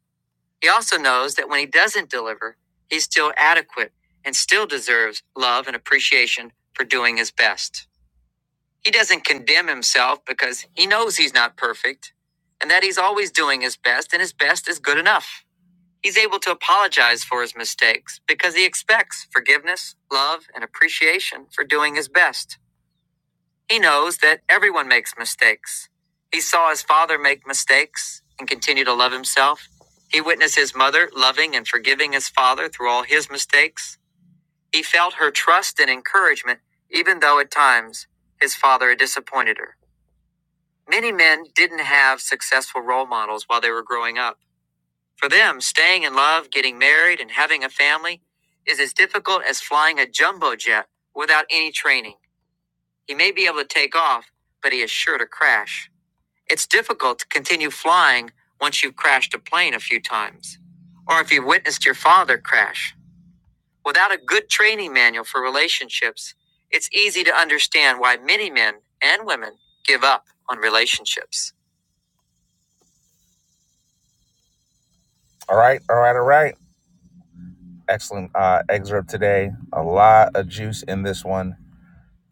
S1: He also knows that when he doesn't deliver, he's still adequate and still deserves love and appreciation for doing his best. He doesn't condemn himself because he knows he's not perfect and that he's always doing his best and his best is good enough. He's able to apologize for his mistakes because he expects forgiveness, love, and appreciation for doing his best. He knows that everyone makes mistakes. He saw his father make mistakes and continue to love himself. He witnessed his mother loving and forgiving his father through all his mistakes. He felt her trust and encouragement, even though at times his father had disappointed her. Many men didn't have successful role models while they were growing up. For them, staying in love, getting married, and having a family is as difficult as flying a jumbo jet without any training. He may be able to take off, but he is sure to crash. It's difficult to continue flying once you've crashed a plane a few times, or if you've witnessed your father crash. Without a good training manual for relationships, it's easy to understand why many men and women give up on relationships. All right, all right, all right. Excellent uh, excerpt today. A lot of juice in this one.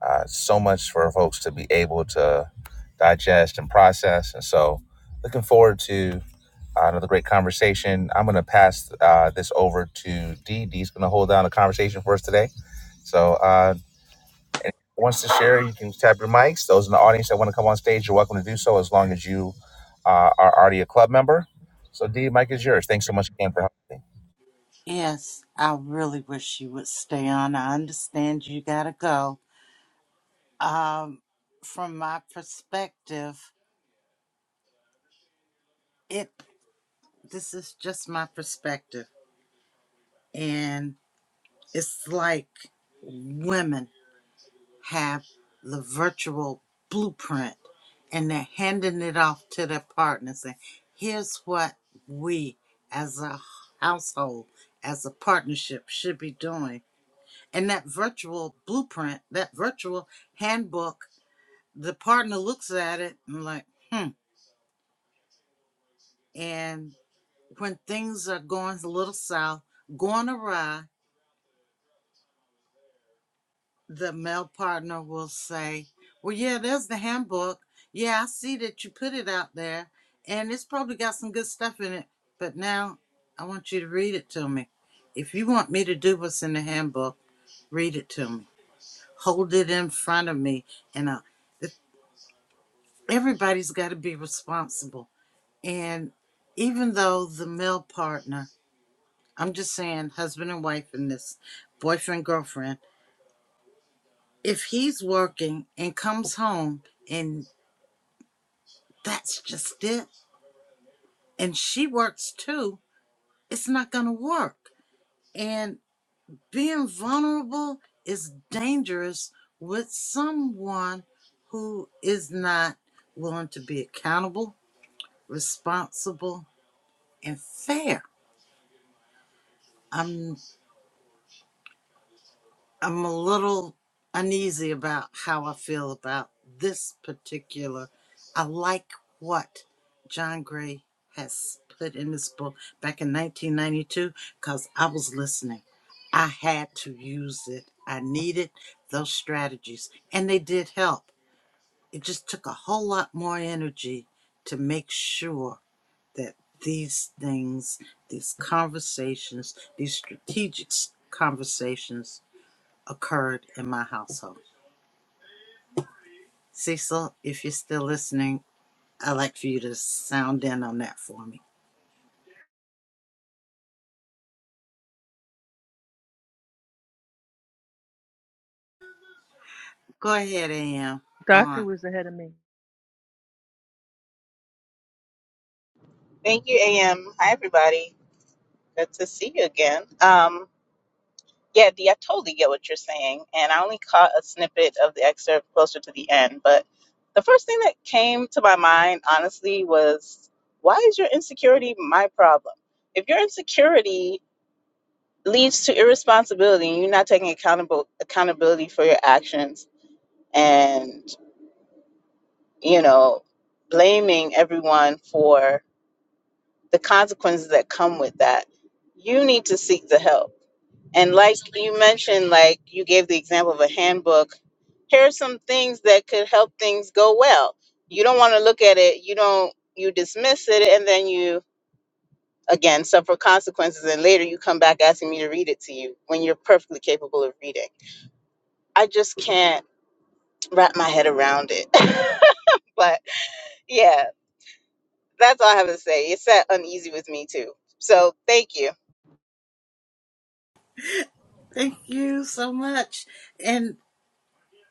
S1: Uh, so much for folks to be able to digest and process. And so, looking forward to Uh, another great conversation. I'm going to pass uh, this over to Dee. Dee's going to hold down the conversation for us today. So, uh, wants to share, you can tap your mics. Those in the audience that want to come on stage, you're welcome to do so as long as you uh, are already a club member. So, Dee, mic is yours. Thanks so much again for helping.
S2: Yes, I really wish you would stay on. I understand you gotta go. Um, from my perspective, it this is just my perspective, and it's like women. have the virtual blueprint and they're handing it off to their partners and here's what we as a household as a partnership should be doing and that virtual blueprint that virtual handbook the partner looks at it and like hmm and when things are going a little south going awry the male partner will say, Well, yeah, there's the handbook. Yeah, I see that you put it out there, and it's probably got some good stuff in it. But now I want you to read it to me. If you want me to do what's in the handbook, read it to me. Hold it in front of me. And uh, if- everybody's got to be responsible. And even though the male partner, I'm just saying, husband and wife in this, boyfriend, girlfriend, if he's working and comes home and that's just it. And she works too. It's not going to work. And being vulnerable is dangerous with someone who is not willing to be accountable, responsible, and fair. I'm. I'm a little uneasy about how I feel about this particular. I like what John Gray has put in this book back in 1992 because I was listening. I had to use it. I needed those strategies, and they did help. It just took a whole lot more energy to make sure that these things, these conversations, these strategic conversations occurred in my household. Cecil, if you're still listening, I'd like for you to sound in on that for me. Go ahead, AM. Go
S5: Doctor
S2: on.
S5: was ahead of me.
S6: Thank you, AM. Hi, everybody. Good to see you again. Um, yeah, Dee, I totally get what you're saying, and I only caught a snippet of the excerpt closer to the end. But the first thing that came to my mind, honestly, was why is your insecurity my problem? If your insecurity leads to irresponsibility and you're not taking accountable accountability for your actions, and you know, blaming everyone for the consequences that come with that, you need to seek the help And like you mentioned, like you gave the example of a handbook, here are some things that could help things go well. You don't want to look at it, you don't, you dismiss it, and then you again suffer consequences. And later you come back asking me to read it to you when you're perfectly capable of reading. I just can't wrap my head around it. but yeah, that's all I have to say. It's that uneasy with me too. So thank you.
S2: Thank you so much. And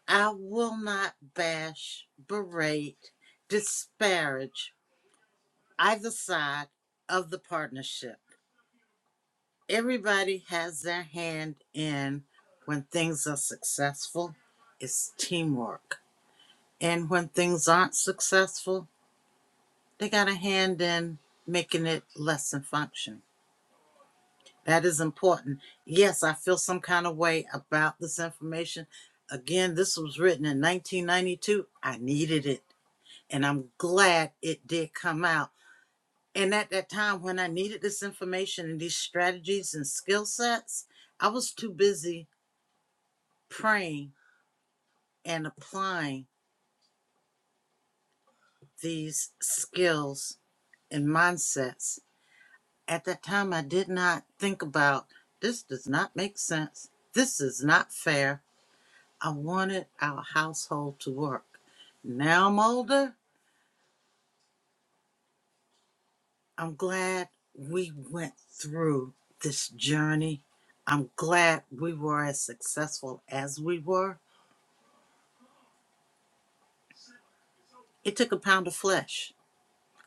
S2: I will not bash, berate, disparage either side of the partnership. Everybody has their hand in when things are successful, it's teamwork. And when things aren't successful, They got a hand in making it less and function. That is important. Yes, I feel some kind of way about this information. Again, this was written in 1992. I needed it, and I'm glad it did come out. And at that time, when I needed this information and these strategies and skill sets, I was too busy praying and applying these skills and mindsets At that time, I did not think about this does not make sense. This is not fair. I wanted our household to work. Now I'm older. I'm glad we went through this journey. I'm glad we were as successful as we were. It took a pound of flesh,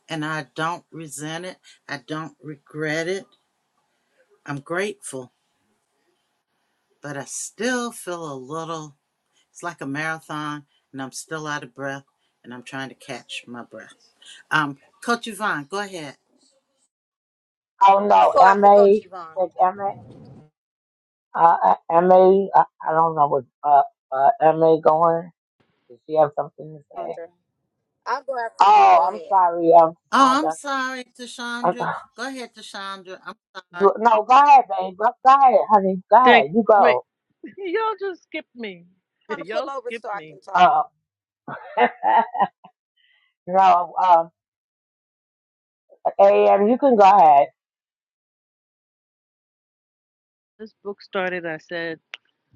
S2: and I don't resent it. I don't regret it. I'm grateful, but I still feel a little It's like a marathon, and I'm still out of breath, and I'm trying to catch my breath. Um, Coach Yvonne, go ahead.
S7: Oh
S8: I'll
S7: no,
S8: go after Coach
S7: MA,
S8: Yvonne.
S7: think MA, uh, uh, MA, I, I don't know what, uh, uh, MA going. Does she have something to say?
S8: Andra. I'll go after you.
S7: Oh,
S8: Go
S7: I'm
S8: ahead.
S7: sorry, um,
S2: Oh, I'm
S7: Sandra.
S2: sorry, Tashandra.
S7: Uh,
S2: Go ahead, Tashandra. I'm sorry.
S7: you, no, go ahead, babe. Go go ahead, honey. Go
S5: Think,
S7: ahead. You
S5: wait,
S7: go.
S5: y'all just skipped me.
S8: trying to pull
S5: y'all
S8: over so
S5: skipped
S8: I
S5: me.
S8: can talk.
S7: Uh, no, um, AM, you can go ahead.
S5: This book started, I said,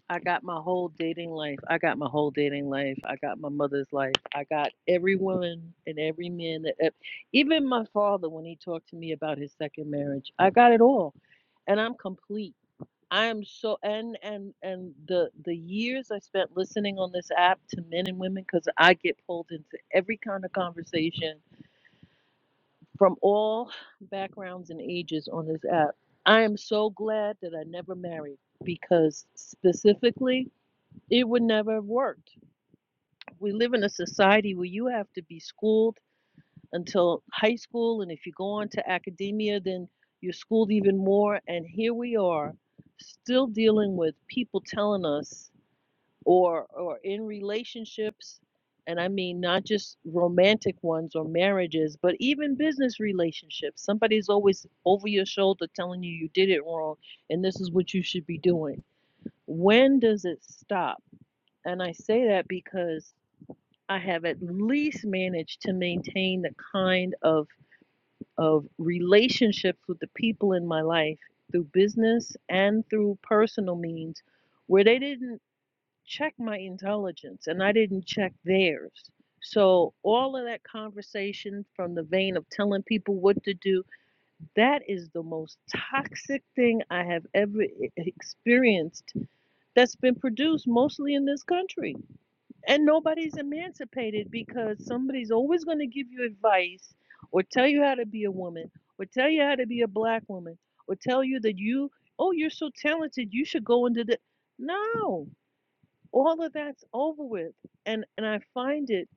S5: I got my whole dating life. I got my whole dating life. I got my mother's life. I got every woman and every man that ev- even my father when he talked to me about his second marriage. I got it all. And I'm complete. I am so and and and the the years I spent listening on this app to men and women cuz I get pulled into every kind of conversation from all backgrounds and ages on this app. I am so glad that I never married because specifically it would never have worked. We live in a society where you have to be schooled until high school, and if you go on to academia, then you're schooled even more. And here we are still dealing with people telling us or or in relationships and i mean not just romantic ones or marriages but even business relationships somebody's always over your shoulder telling you you did it wrong and this is what you should be doing when does it stop and i say that because i have at least managed to maintain the kind of of relationships with the people in my life through business and through personal means where they didn't check my intelligence and I didn't check theirs. So, all of that conversation from the vein of telling people what to do, that is the most toxic thing I have ever e- e-, experienced that's been produced mostly in this country. And nobody's emancipated because somebody's always going to give you advice or tell you how to be a woman or tell you how to be a black woman or tell you that you, oh, you're so talented, you should go into the. No, all of that's over with and and i find it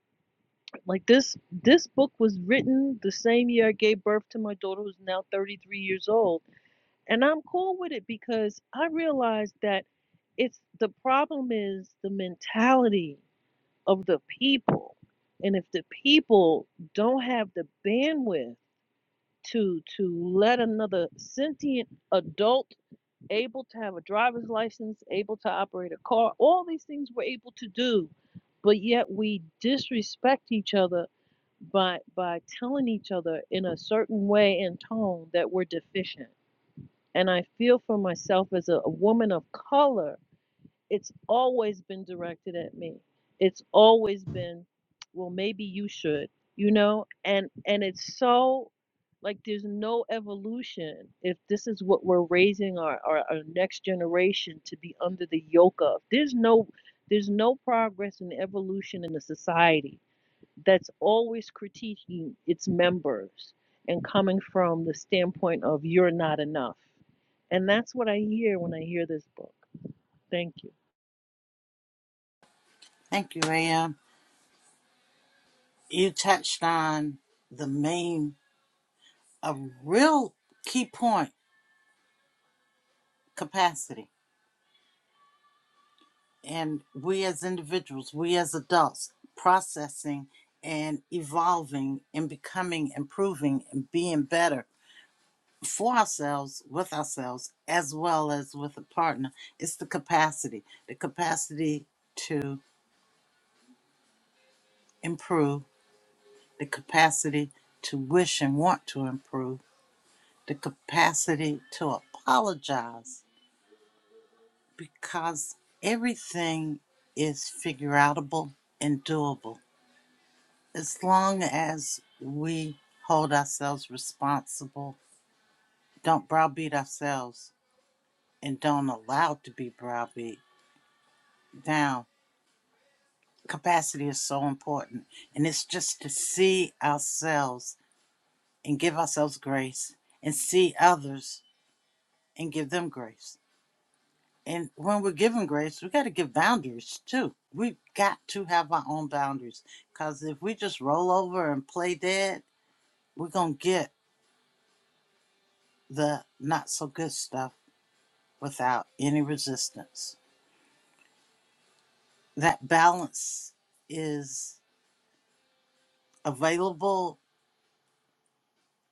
S5: like this this book was written the same year i gave birth to my daughter who's now 33 years old and i'm cool with it because i realize that it's the problem is the mentality of the people and if the people don't have the bandwidth to to let another sentient adult able to have a driver's license, able to operate a car. All these things we're able to do, but yet we disrespect each other by by telling each other in a certain way and tone that we're deficient. And I feel for myself as a, a woman of color it's always been directed at me it's always been well maybe you should you know and and it's so like there's no evolution if this is what we're raising our, our, our next generation to be under the yoke of there's no there's no progress and evolution in the society that's always critiquing its members and coming from the standpoint of you're not enough and that's what i hear when i hear this book thank you
S2: Thank you, Am. You touched on the main, a real key point capacity. And we as individuals, we as adults, processing and evolving and becoming, improving, and being better for ourselves, with ourselves, as well as with a partner, it's the capacity, the capacity to improve, the capacity to wish and want to improve, the capacity to apologize because everything is figure outable and doable as long as we hold ourselves responsible, don't browbeat ourselves, and don't allow to be browbeat down capacity is so important. And it's just to see ourselves and give ourselves grace and see others and give them grace. And when we're giving grace, we got to give boundaries too. We've got to have our own boundaries because if we just roll over and play dead, we're going to get the not so good stuff without any resistance. That balance is available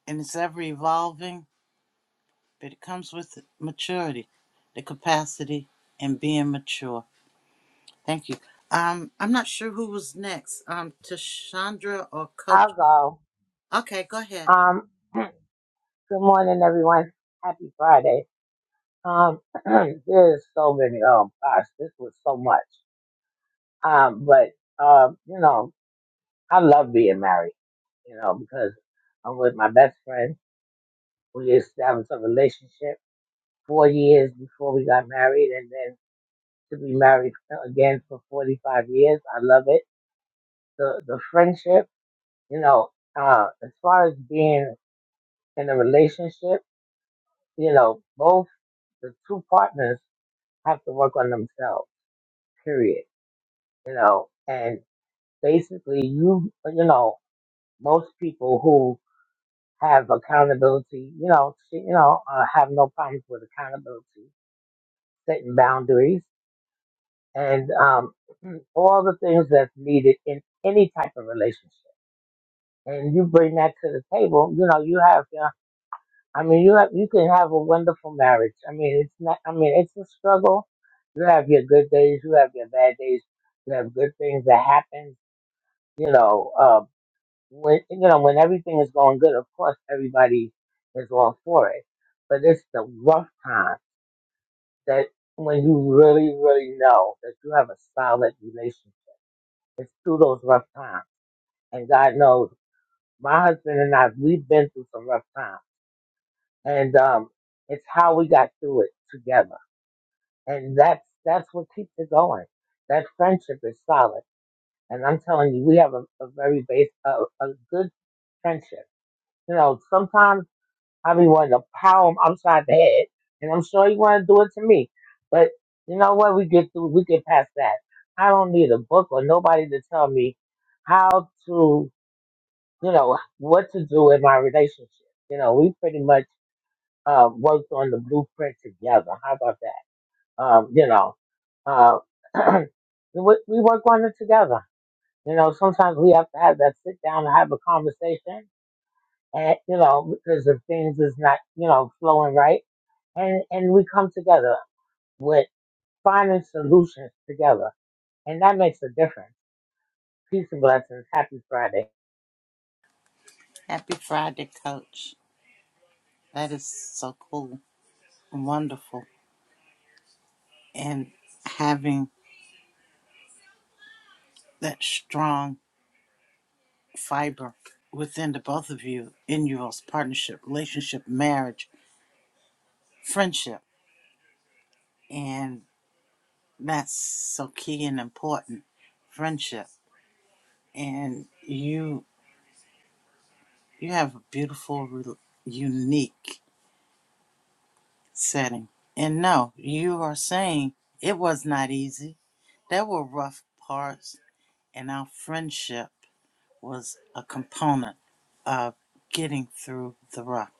S2: and it's ever evolving but it comes with maturity, the capacity, and being mature. Thank you. Um, I'm not sure who was next. Um, Tashandra or
S7: I'll
S2: Coach?
S7: go.
S2: Okay, go ahead.
S7: Um, good morning, everyone. Happy Friday. Um, there's so many, oh gosh, this was so much. Um, but, um, you know, I love being married, you know, because I'm with my best friend. We established a relationship four years before we got married, and then to be married again for 45 years. I love it. The the friendship, you know, uh, as far as being in a relationship, you know, both the two partners have to work on themselves. Period. You know, and basically, you you know, most people who have accountability, you know, she- you know, uh, have no problems with accountability, setting boundaries, and um, all the things that's needed in any type of relationship. And you bring that to the table, you know, you have, you know, I mean, you have, you can have a wonderful marriage. I mean, it's not, I mean, it's a struggle. You have your good days, you have your bad days, you have good things that happen, you know. uh, when you know when everything is going good, of course everybody is all for it. But it's the rough time that when you really, really know that you have a solid relationship through those rough times. And God knows my husband and I we've been through some rough times. And um it's how we got through it together. And that's that's what keeps it going. That friendship is solid. And I'm telling you, we have a, a very base a, a good friendship. You know, sometimes I be wanting to power him upside the head, and I'm sure he want to do it to me. But you know what? We get through. We get past that. I don't need a book or nobody to tell me how to, you know, what to do in my relationship. You know, we pretty much uh, worked on the blueprint together. How about that? Um, you know, uh, we we work on it together. You know, sometimes we have to have that sit down and have a conversation and you know because of things is not you know flowing right and and we come together with finding solutions together and that makes a difference peace and blessings happy friday
S2: Happy Friday, Coach. That is so cool and wonderful, and having that strong fiber within the both of you in your partnership, relationship, marriage, friendship, and that's so key and important. Friendship, and you You have a beautiful, unique setting. And no, you are saying it was not easy. There were rough parts, and our friendship was a component of getting through the rough.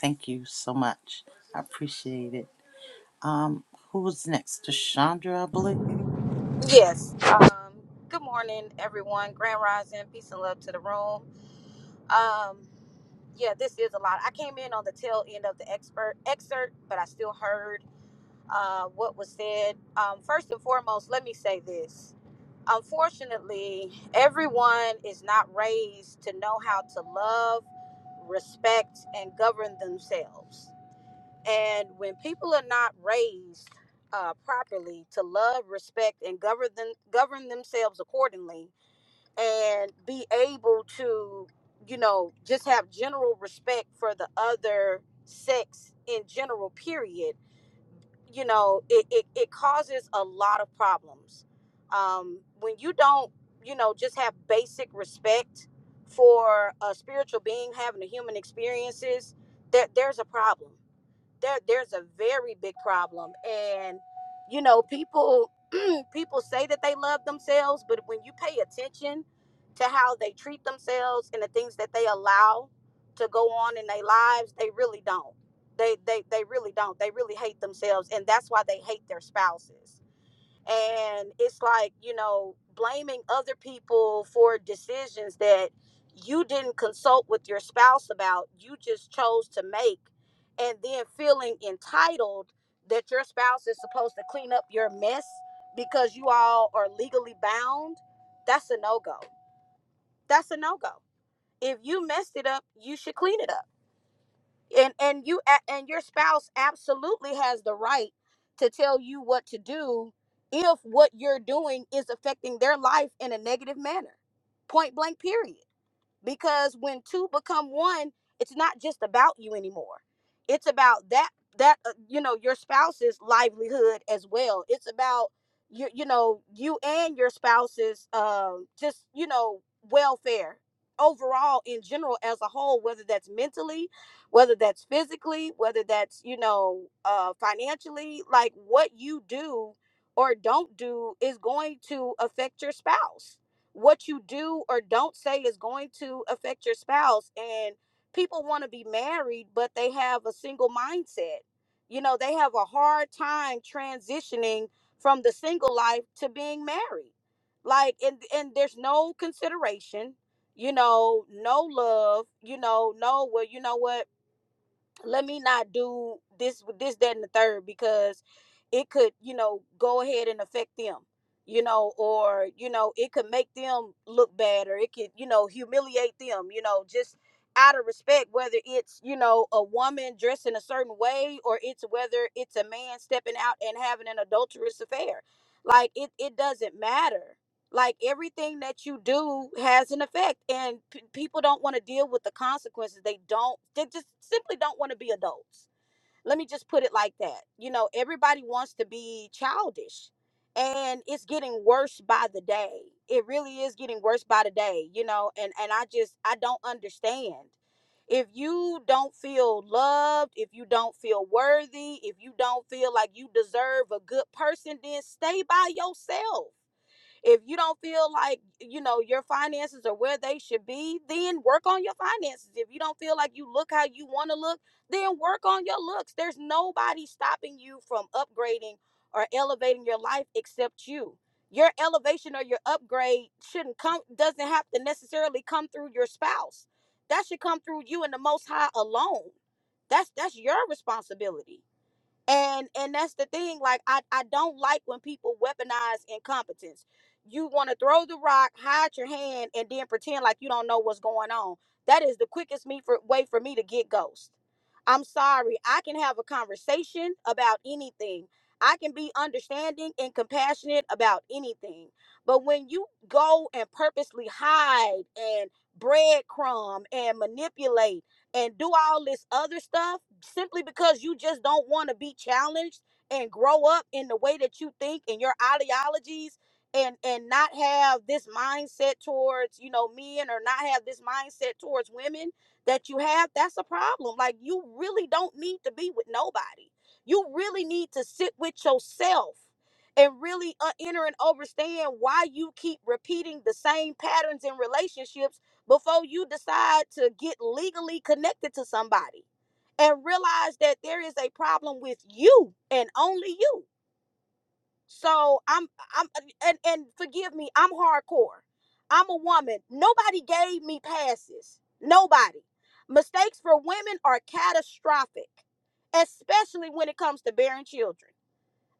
S2: Thank you so much. I appreciate it. Um, who was next? Chandra, I believe.
S8: Yes. Um, good morning, everyone. Grand Rising. Peace and love to the room. Um, yeah, this is a lot. I came in on the tail end of the expert excerpt, but I still heard uh, what was said. Um, first and foremost, let me say this. Unfortunately, everyone is not raised to know how to love, respect, and govern themselves. And when people are not raised uh, properly to love, respect, and govern them, govern themselves accordingly, and be able to, you know, just have general respect for the other sex in general, period, you know, it, it, it causes a lot of problems. Um, when you don't, you know, just have basic respect for a spiritual being having a human experiences, there, there's a problem there there's a very big problem and you know people people say that they love themselves but when you pay attention to how they treat themselves and the things that they allow to go on in their lives they really don't they they they really don't they really hate themselves and that's why they hate their spouses and it's like you know blaming other people for decisions that you didn't consult with your spouse about you just chose to make and then feeling entitled that your spouse is supposed to clean up your mess because you all are legally bound that's a no-go that's a no-go if you messed it up you should clean it up and and you a- and your spouse absolutely has the right to tell you what to do if what you're doing is affecting their life in a negative manner point blank period because when two become one it's not just about you anymore it's about that that uh, you know your spouse's livelihood as well it's about you you know you and your spouse's um just you know welfare overall in general as a whole whether that's mentally whether that's physically whether that's you know uh financially like what you do or don't do is going to affect your spouse what you do or don't say is going to affect your spouse and people want to be married but they have a single mindset you know they have a hard time transitioning from the single life to being married like and and there's no consideration you know no love you know no well you know what let me not do this this that and the third because it could you know go ahead and affect them you know or you know it could make them look bad or it could you know humiliate them you know just out of respect whether it's you know a woman dressed in a certain way or it's whether it's a man stepping out and having an adulterous affair like it it doesn't matter like everything that you do has an effect and p- people don't want to deal with the consequences they don't they just simply don't want to be adults let me just put it like that you know everybody wants to be childish and it's getting worse by the day it really is getting worse by the day you know and and i just i don't understand if you don't feel loved if you don't feel worthy if you don't feel like you deserve a good person then stay by yourself if you don't feel like, you know, your finances are where they should be, then work on your finances. If you don't feel like you look how you want to look, then work on your looks. There's nobody stopping you from upgrading or elevating your life except you. Your elevation or your upgrade shouldn't come doesn't have to necessarily come through your spouse. That should come through you and the most high alone. That's that's your responsibility and and that's the thing like i i don't like when people weaponize incompetence you want to throw the rock hide your hand and then pretend like you don't know what's going on that is the quickest me for, way for me to get ghost i'm sorry i can have a conversation about anything i can be understanding and compassionate about anything but when you go and purposely hide and breadcrumb and manipulate and do all this other stuff simply because you just don't want to be challenged and grow up in the way that you think and your ideologies and and not have this mindset towards you know men or not have this mindset towards women that you have that's a problem like you really don't need to be with nobody you really need to sit with yourself and really uh, enter and understand why you keep repeating the same patterns in relationships before you decide to get legally connected to somebody and realize that there is a problem with you and only you so i'm i'm and and forgive me i'm hardcore i'm a woman nobody gave me passes nobody mistakes for women are catastrophic especially when it comes to bearing children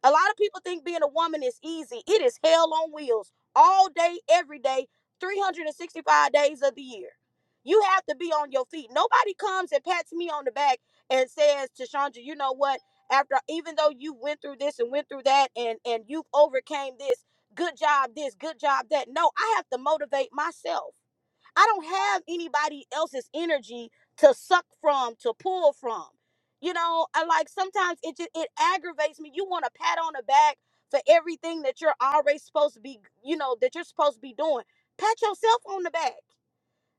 S8: a lot of people think being a woman is easy. It is hell on wheels all day, every day, 365 days of the year. You have to be on your feet. Nobody comes and pats me on the back and says to Chandra, you know what? After even though you went through this and went through that and and you've overcame this, good job this, good job that. No, I have to motivate myself. I don't have anybody else's energy to suck from, to pull from. You know, I like sometimes it just it aggravates me. You want a pat on the back for everything that you're already supposed to be, you know, that you're supposed to be doing. Pat yourself on the back.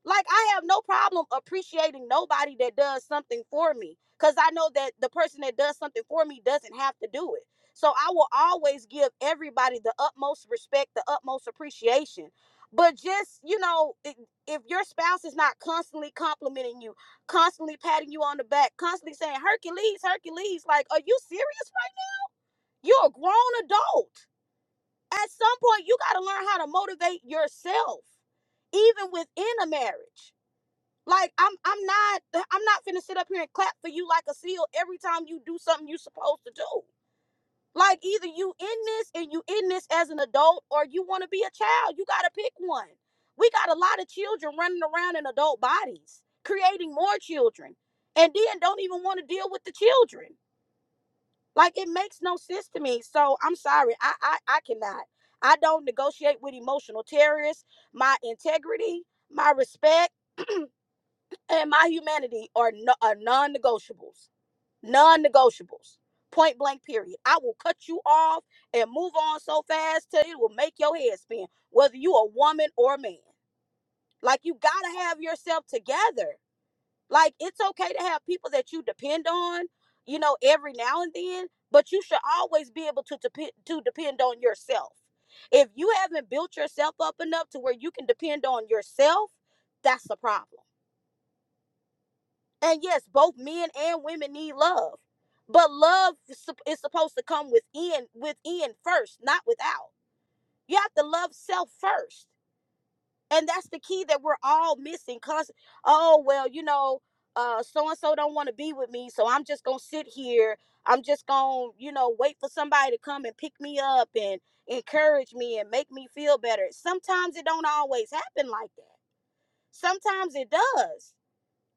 S8: Like I have no problem appreciating nobody that does something for me cuz I know that the person that does something for me doesn't have to do it. So I will always give everybody the utmost respect, the utmost appreciation. But just, you know, i- if your spouse is not constantly complimenting you, constantly patting you on the back, constantly saying, Hercules, Hercules, like, are you serious? right You're a grown adult. At some point, you got to learn how to motivate yourself, even within a marriage like I'm I'm not I'm not finna sit up here and clap for you like a seal every time you do something you're supposed to do. Like either you in this and you in this as an adult or you want to be a child. You got to pick one. We got a lot of children running around in adult bodies, creating more children. And then don't even want to deal with the children. Like it makes no sense to me. So I'm sorry. I I, I cannot. I don't negotiate with emotional terrorists. My integrity, my respect and my humanity are, no, are non-negotiables non-negotiables point blank period i will cut you off and move on so fast till it will make your head spin whether you a woman or a man like you gotta have yourself together like it's okay to have people that you depend on you know every now and then but you should always be able to depend to depend on yourself if you haven't built yourself up enough to where you can depend on yourself that's the problem And yes, both men and women need love. But love is sup- is supposed to come within within first, not without. You have to love self first. And that's the key that we're all missing cuz oh well, you know, uh so and so don't want to be with me, so I'm just going to sit here. I'm just going to, you know, wait for somebody to come and pick me up and encourage me and make me feel better. Sometimes it don't always happen like that. Sometimes it does,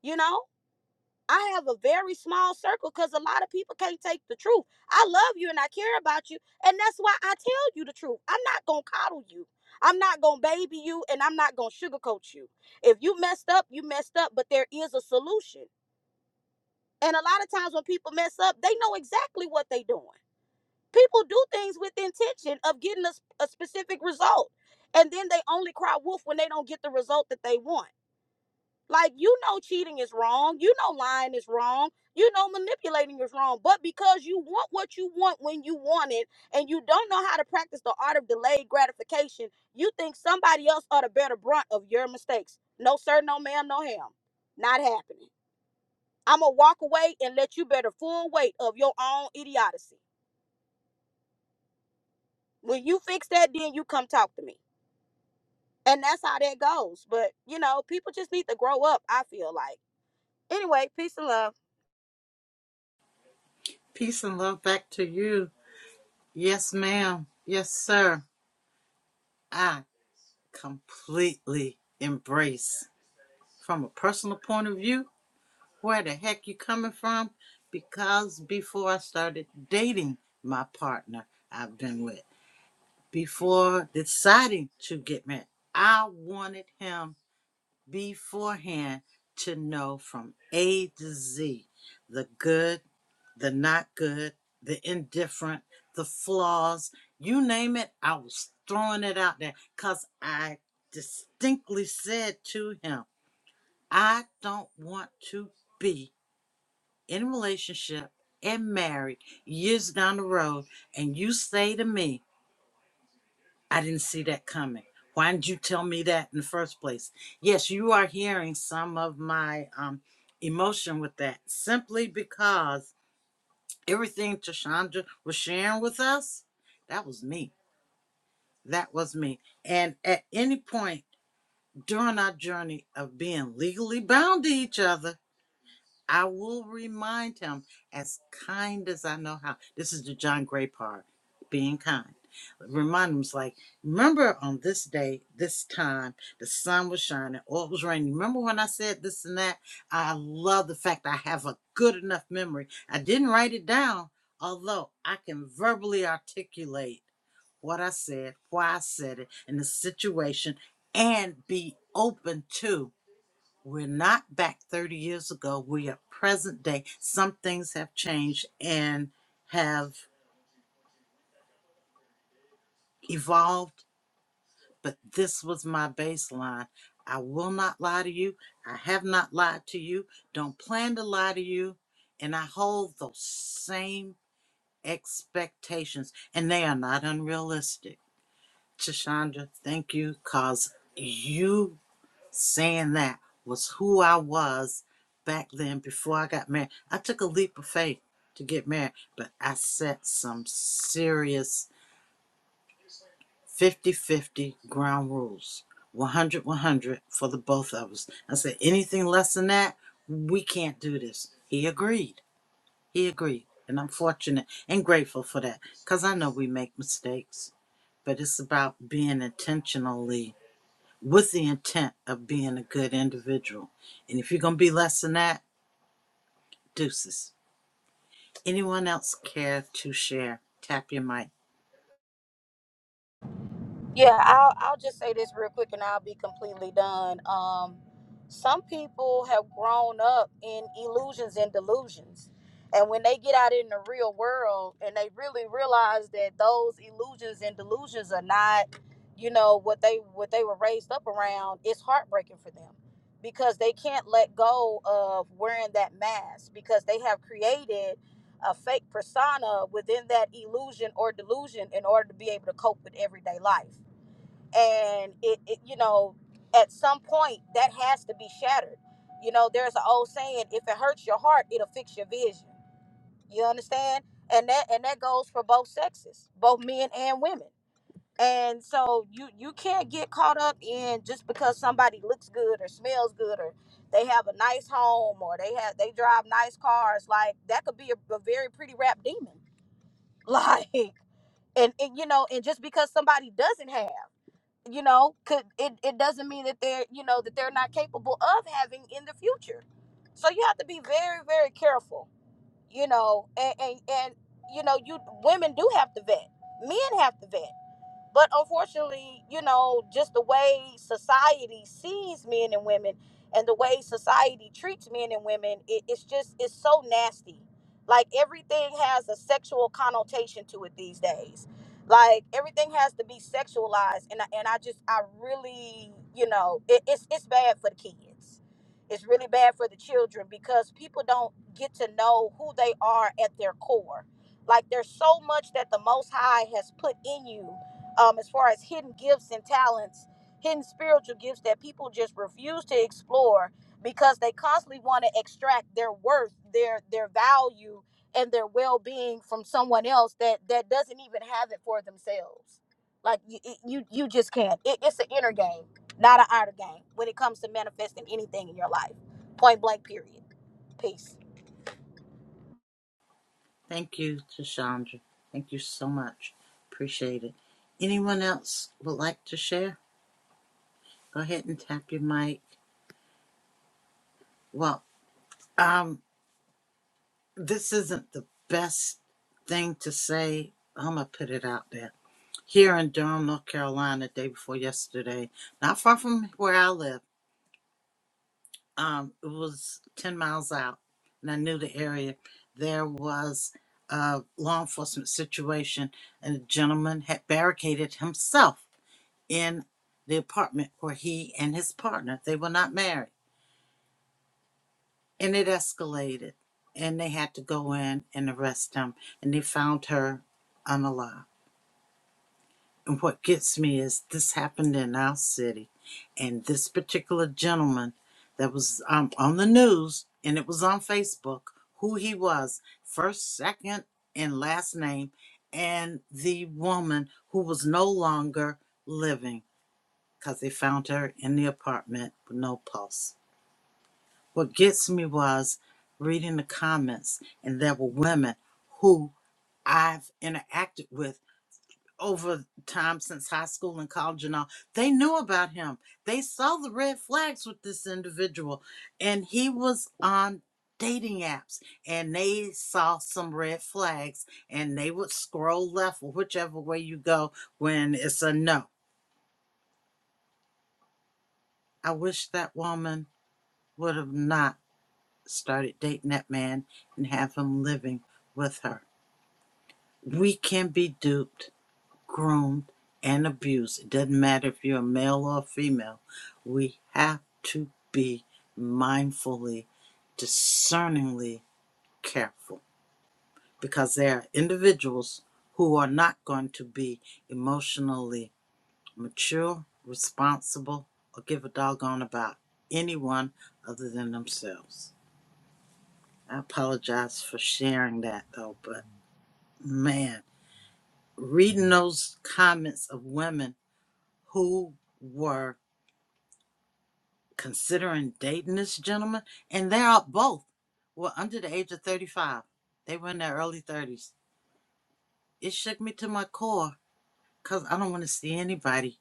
S8: you know? I have a very small circle because a lot of people can't take the truth. I love you and I care about you. And that's why I tell you the truth. I'm not going to coddle you. I'm not going to baby you and I'm not going to sugarcoat you. If you messed up, you messed up, but there is a solution. And a lot of times when people mess up, they know exactly what they're doing. People do things with the intention of getting a a specific result. And then they only cry wolf when they don't get the result that they want. Like you know cheating is wrong, you know lying is wrong, you know manipulating is wrong, but because you want what you want when you want it and you don't know how to practice the art of delayed gratification, you think somebody else ought to bear the brunt of your mistakes. No sir, no ma'am, no ham. Not happening. I'm gonna walk away and let you bear the full weight of your own idiocy. When you fix that, then you come talk to me. And that's how that goes. But you know, people just need to grow up, I feel like. Anyway, peace and love.
S2: Peace and love back to you. Yes, ma'am. Yes, sir. I completely embrace from a personal point of view where the heck you coming from because before I started dating my partner I've been with, before deciding to get married, I wanted him beforehand to know from A to Z the good, the not good, the indifferent, the flaws, you name it, I was throwing it out there because I distinctly said to him, I don't want to be in a relationship and married years down the road and you say to me, I didn't see that coming. Why didn't you tell me that in the first place? Yes, you are hearing some of my um, emotion with that simply because everything Tashandra was sharing with us, that was me. That was me. And at any point during our journey of being legally bound to each other, I will remind him as kind as I know how. This is the John Gray part, being kind. Remind him, it's like, remember on this day, this time, the sun was shining, or was raining. Remember when I said this and that? I love the fact I have a good enough memory. I didn't write it down, although I can verbally articulate what I said, why I said it, and the situation, and be open to. We're not back 30 years ago. We are present day. Some things have changed and have evolved, but this was my baseline. I will not lie to you. I have not lied to you. Don't plan to lie to you. And I hold those same expectations, and they are not unrealistic. Chashonda, thank you because you saying that was who I was back then before I got married. I took a leap of faith to get married, but I set some serious fifty-fifty ground rules one hundred one hundred for the both of us. I said, anything less than that, we can't do this. He agreed. He agreed. And I'm fortunate and grateful for that because I know we make mistakes, but it's about being intentionally What's the intent of being a good individual? And if you're going to be less than that, deuces. Anyone else care to share? Tap your mic.
S8: Yeah, I'll I'll just say this real quick and I'll be completely done. Um some people have grown up in illusions and delusions. And when they get out in the real world and they really realize that those illusions and delusions are not, you know, what they what they were raised up around, it's heartbreaking for them because they can't let go of wearing that mask because they have created a fake persona within that illusion or delusion in order to be able to cope with everyday life and it, it you know at some point that has to be shattered you know there's an old saying if it hurts your heart it'll fix your vision you understand and that and that goes for both sexes both men and women and so you you can't get caught up in just because somebody looks good or smells good or they have a nice home or they have they drive nice cars like that could be a, a very pretty rap demon like and, and you know and just because somebody doesn't have you know could it, it doesn't mean that they're you know that they're not capable of having in the future so you have to be very very careful you know and and, and you know you women do have to vet men have to vet but unfortunately, you know, just the way society sees men and women and the way society treats men and women, it, it's just, it's so nasty. Like everything has a sexual connotation to it these days. Like everything has to be sexualized. And I, and I just, I really, you know, it, it's, it's bad for the kids. It's really bad for the children because people don't get to know who they are at their core. Like there's so much that the Most High has put in you um, as far as hidden gifts and talents, hidden spiritual gifts that people just refuse to explore because they constantly want to extract their worth, their their value, and their well being from someone else that that doesn't even have it for themselves. Like you, you, you just can't. It, it's an inner game, not an outer game, when it comes to manifesting anything in your life. Point blank. Period. Peace.
S2: Thank you, Tashandra. Thank you so much. Appreciate it. Anyone else would like to share? Go ahead and tap your mic. Well, um, this isn't the best thing to say. I'm going to put it out there. Here in Durham, North Carolina, day before yesterday, not far from where I live, um, it was 10 miles out and I knew the area. There was a law enforcement situation and a gentleman had barricaded himself in the apartment where he and his partner, they were not married. And it escalated and they had to go in and arrest him and they found her unalive. And what gets me is this happened in our city, and this particular gentleman that was um, on the news and it was on Facebook who he was, first, second, and last name, and the woman who was no longer living because they found her in the apartment with no pulse. What gets me was reading the comments, and there were women who I've interacted with over time since high school and college and all, they knew about him. They saw the red flags with this individual, and he was on dating apps and they saw some red flags and they would scroll left or whichever way you go when it's a no. I wish that woman would have not started dating that man and have him living with her. We can be duped Groomed and abused. It doesn't matter if you're a male or a female. We have to be mindfully, discerningly careful because there are individuals who are not going to be emotionally mature, responsible, or give a doggone about anyone other than themselves. I apologize for sharing that though, but man, reading those comments of women who were considering dating this gentleman, and they are both were under the age of 35. They were in their early 30s. It shook me to my core because I don't want to see anybody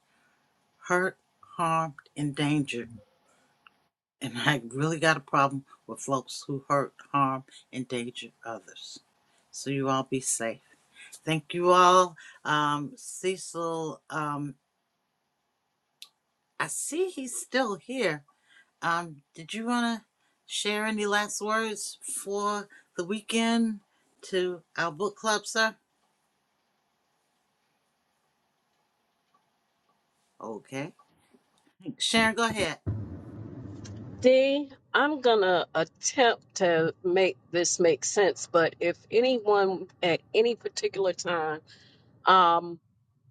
S2: hurt, harmed, endangered. And I really got a problem with folks who hurt, harm, endanger others. So you all be safe. Thank you all. Um, Cecil, um, I see he's still here. Um, did you want to share any last words for the weekend to our book club, sir? Okay. Sharon, go ahead.
S4: D, I'm gonna attempt to make this make sense, but if anyone at any particular time um,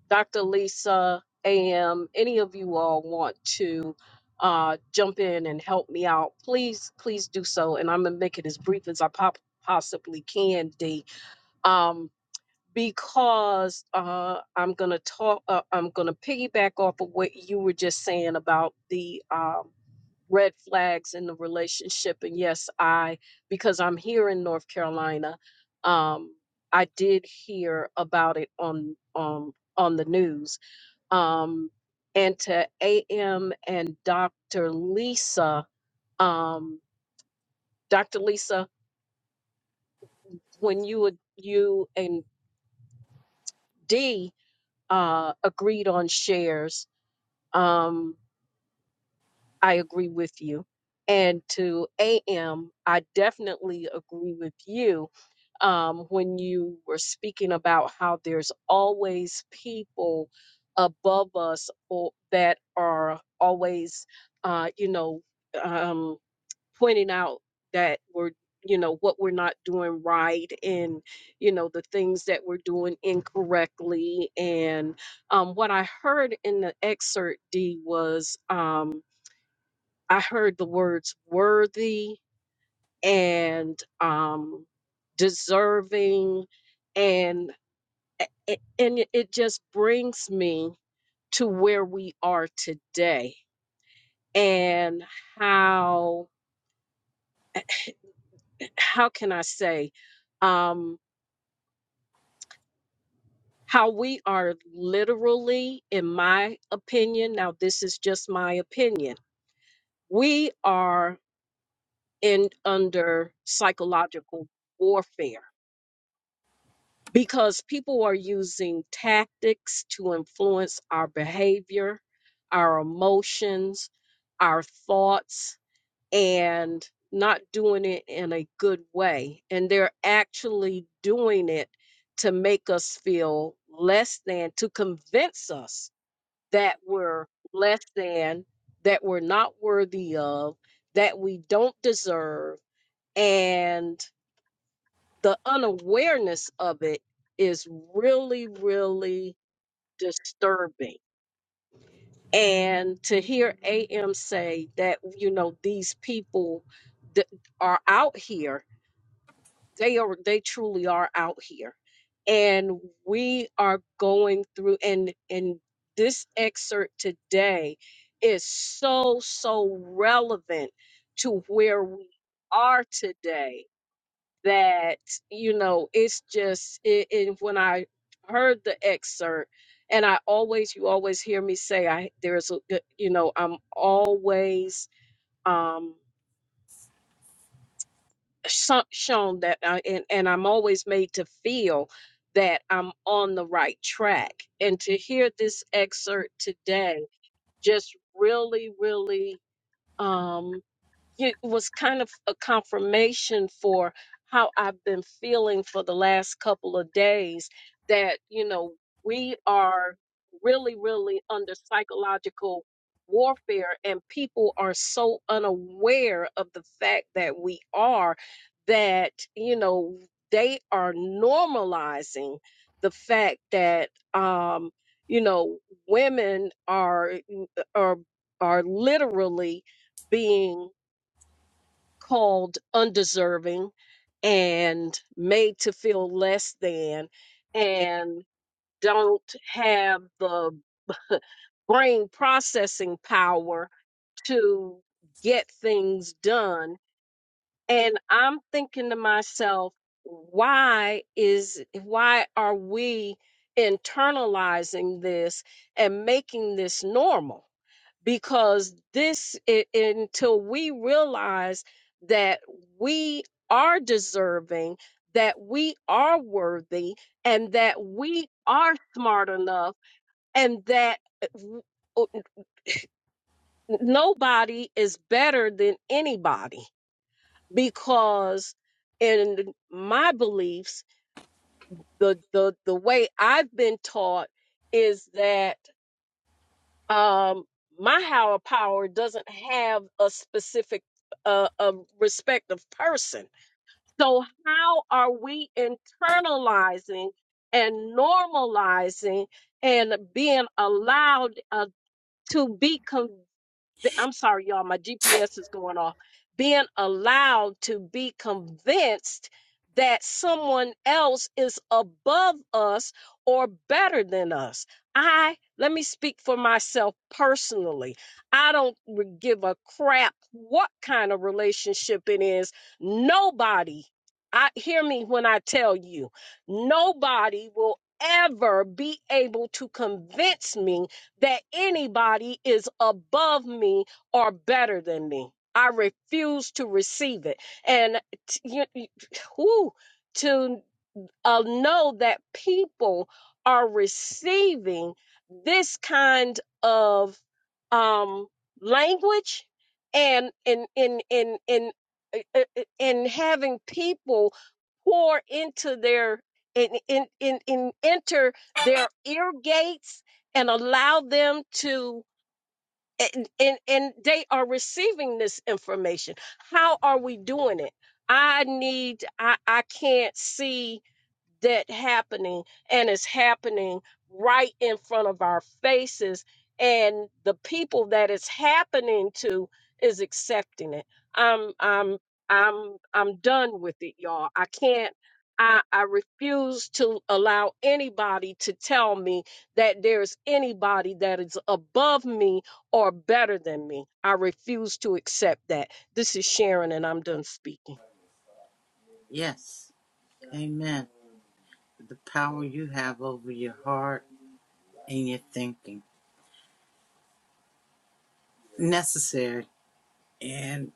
S4: Dr. Lisa, AM, any of you all want to uh, jump in and help me out, please, please do so. And I'm going to make it as brief as I pop- possibly can, D, um, because uh, I'm going to talk, uh, I'm going to piggyback off of what you were just saying about the um, red flags in the relationship. And yes, I, because I'm here in North Carolina, um, I did hear about it on, um, on the news um, and to AM and Dr. Lisa. Um, Dr. Lisa, when you would you and D uh, agreed on shares, um, I agree with you. And to A. M., I definitely agree with you um, when you were speaking about how there's always people above us or, that are always, uh, you know, um, pointing out that we're you know what we're not doing right and you know the things that we're doing incorrectly and um, what i heard in the excerpt d was um, i heard the words worthy and um, deserving and a- a- and it it just brings me to where we are today and how how can i say um, how we are literally, in my opinion, now this is just my opinion, we are in under psychological warfare because people are using tactics to influence our behavior, our emotions, our thoughts, and not doing it in a good way. And they're actually doing it to make us feel less than, to convince us that were less than, that we're not worthy of, that we don't deserve. And the unawareness of it is really, really disturbing. And to hear AM say that, you know, these people that are out here they are they truly are out here and we are going through and and this excerpt today is so so relevant to where we are today that you know it's just it, and when i heard the excerpt and i always you always hear me say i there's a you know i'm always um so- shown that I, and, and I'm always made to feel that I'm on the right track. And to hear this excerpt today just really, really um it was kind of a confirmation for how I've been feeling for the last couple of days that, you know, we are really, really under psychological warfare and people are so unaware of the fact that we are that, you know, they are normalizing the fact that, um, you know, women are, uh, are, are literally being called undeserving and made to feel less than and don't have the brain processing power to get things done and i'm thinking to myself why is why are we internalizing this and making this normal because this i- until we realize that we are deserving that we are worthy and that we are smart enough and that uh, w- o- n- nobody is better than anybody because in my beliefs the the the way I've been taught is that um my higher power doesn't have a specific uh, a respective person so how are we internalizing and normalizing and being allowed uh, to be convinced be- I'm sorry, y'all, my GPS is going off, being allowed to be convinced that someone else is above us or better than us. I, let me speak for myself personally. I don't re- give a crap what kind of relationship it is. Nobody, I hear me when I tell you, nobody will ever be able to convince me that anybody is above me or better than me. I refuse to receive it. And t- you, you- whew, to uh, know that people are receiving this kind of um, language and in in in in in having people pour into their in in in, in enter their ear gates and allow them to and, and and they are receiving this information how are we doing it i need i i can't see that happening and it's happening right in front of our faces and the people that it's happening to is accepting it i'm i'm i'm i'm done with it y'all i can't I, I refuse to allow anybody to tell me that there's anybody that is above me or better than me. I refuse to accept that. This is Sharon, and I'm done speaking.
S2: Yes. Amen. The power you have over your heart and your thinking. Necessary. And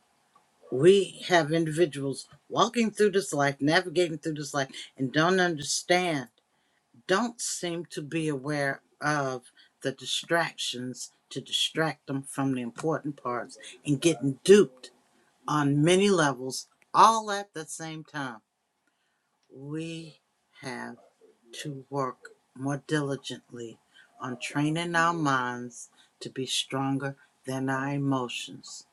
S2: we have individuals walking through this life, navigating through this life, and don't understand. don't seem to be aware of the distractions to distract them from the important parts and getting duped on many levels all at the same time. We have to work more diligently on training our minds to be stronger than our emotions.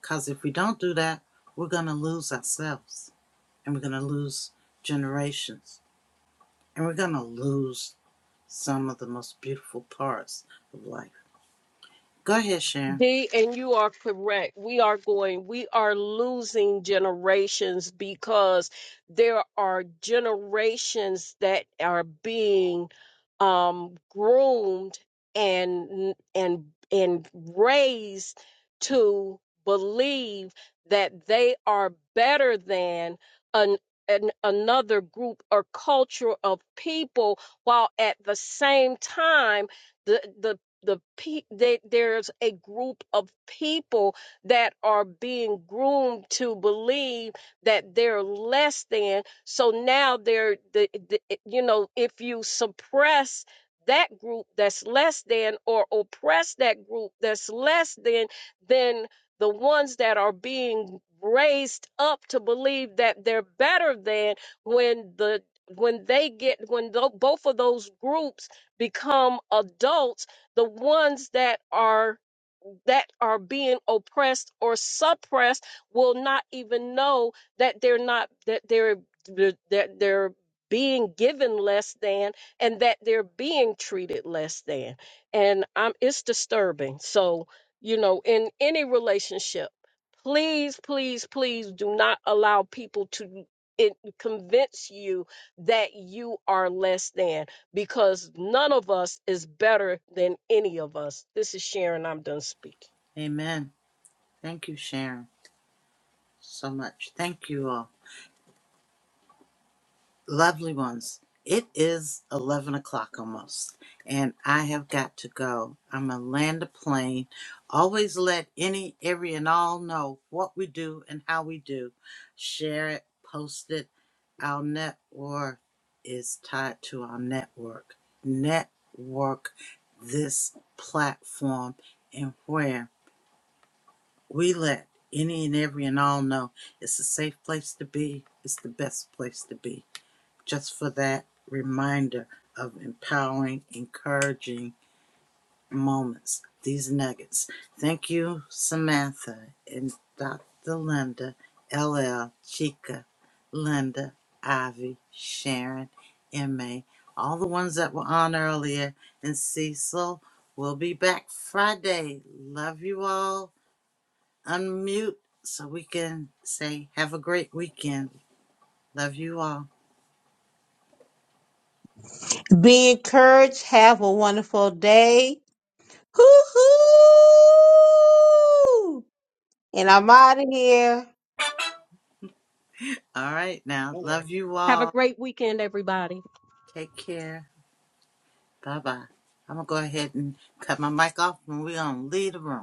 S2: Because if we don't do that, we're going to lose ourselves and we're going to lose generations and we're going to lose some of the most beautiful parts of life. Go ahead, Sharon.
S4: D, and you are correct. We are going, we are losing generations because there are generations that are being um, groomed and and and raised to believe that they are better than an, an another group or culture of people, while at the same time the the the pe- that there's a group of people that are being groomed to believe that they're less than so now they're the, the eh, you know if you suppress that group that's less than or oppress that group that's less than then the ones that are being raised up to believe that they're better than when the when they get when tho- both of those groups become adults the ones that are that are being oppressed or suppressed will not even know that they're not that they're that they're being given less than and that they're being treated less than and i'm it's disturbing so you know in any relationship please please please do not allow people to it convince you that you are less than because none of us is better than any of us. This is Sharon. I'm done speaking.
S2: Amen. Thank you, Sharon, so much. Thank you all. Lovely ones, it is 11 o'clock almost, and I have got to go. I'm going to land a plane. Always let any, every, and all know what we do and how we do. Share it, post it. Our net network is tied to our network. Network this platform and where we let any and every and all know it's a safe place to be, it's the best place to be just for that reminder of empowering, encouraging moments, these nuggets. Thank you, Samantha and Dr. Linda, LL, Chica, Linda, Ivy, Sharon, MA, all the ones that were on earlier, and Cecil. We'll be back Friday. Love you all. Unmute so we can say, have a great weekend. Love you all.
S3: Be encouraged. Have a wonderful day. Hoo hoo! And I'm out of here.
S2: All right, now, love you all.
S4: Have a great weekend, everybody.
S2: Take care. Bye bye. I'm gonna go ahead and cut my mic off and we're gonna leave the room.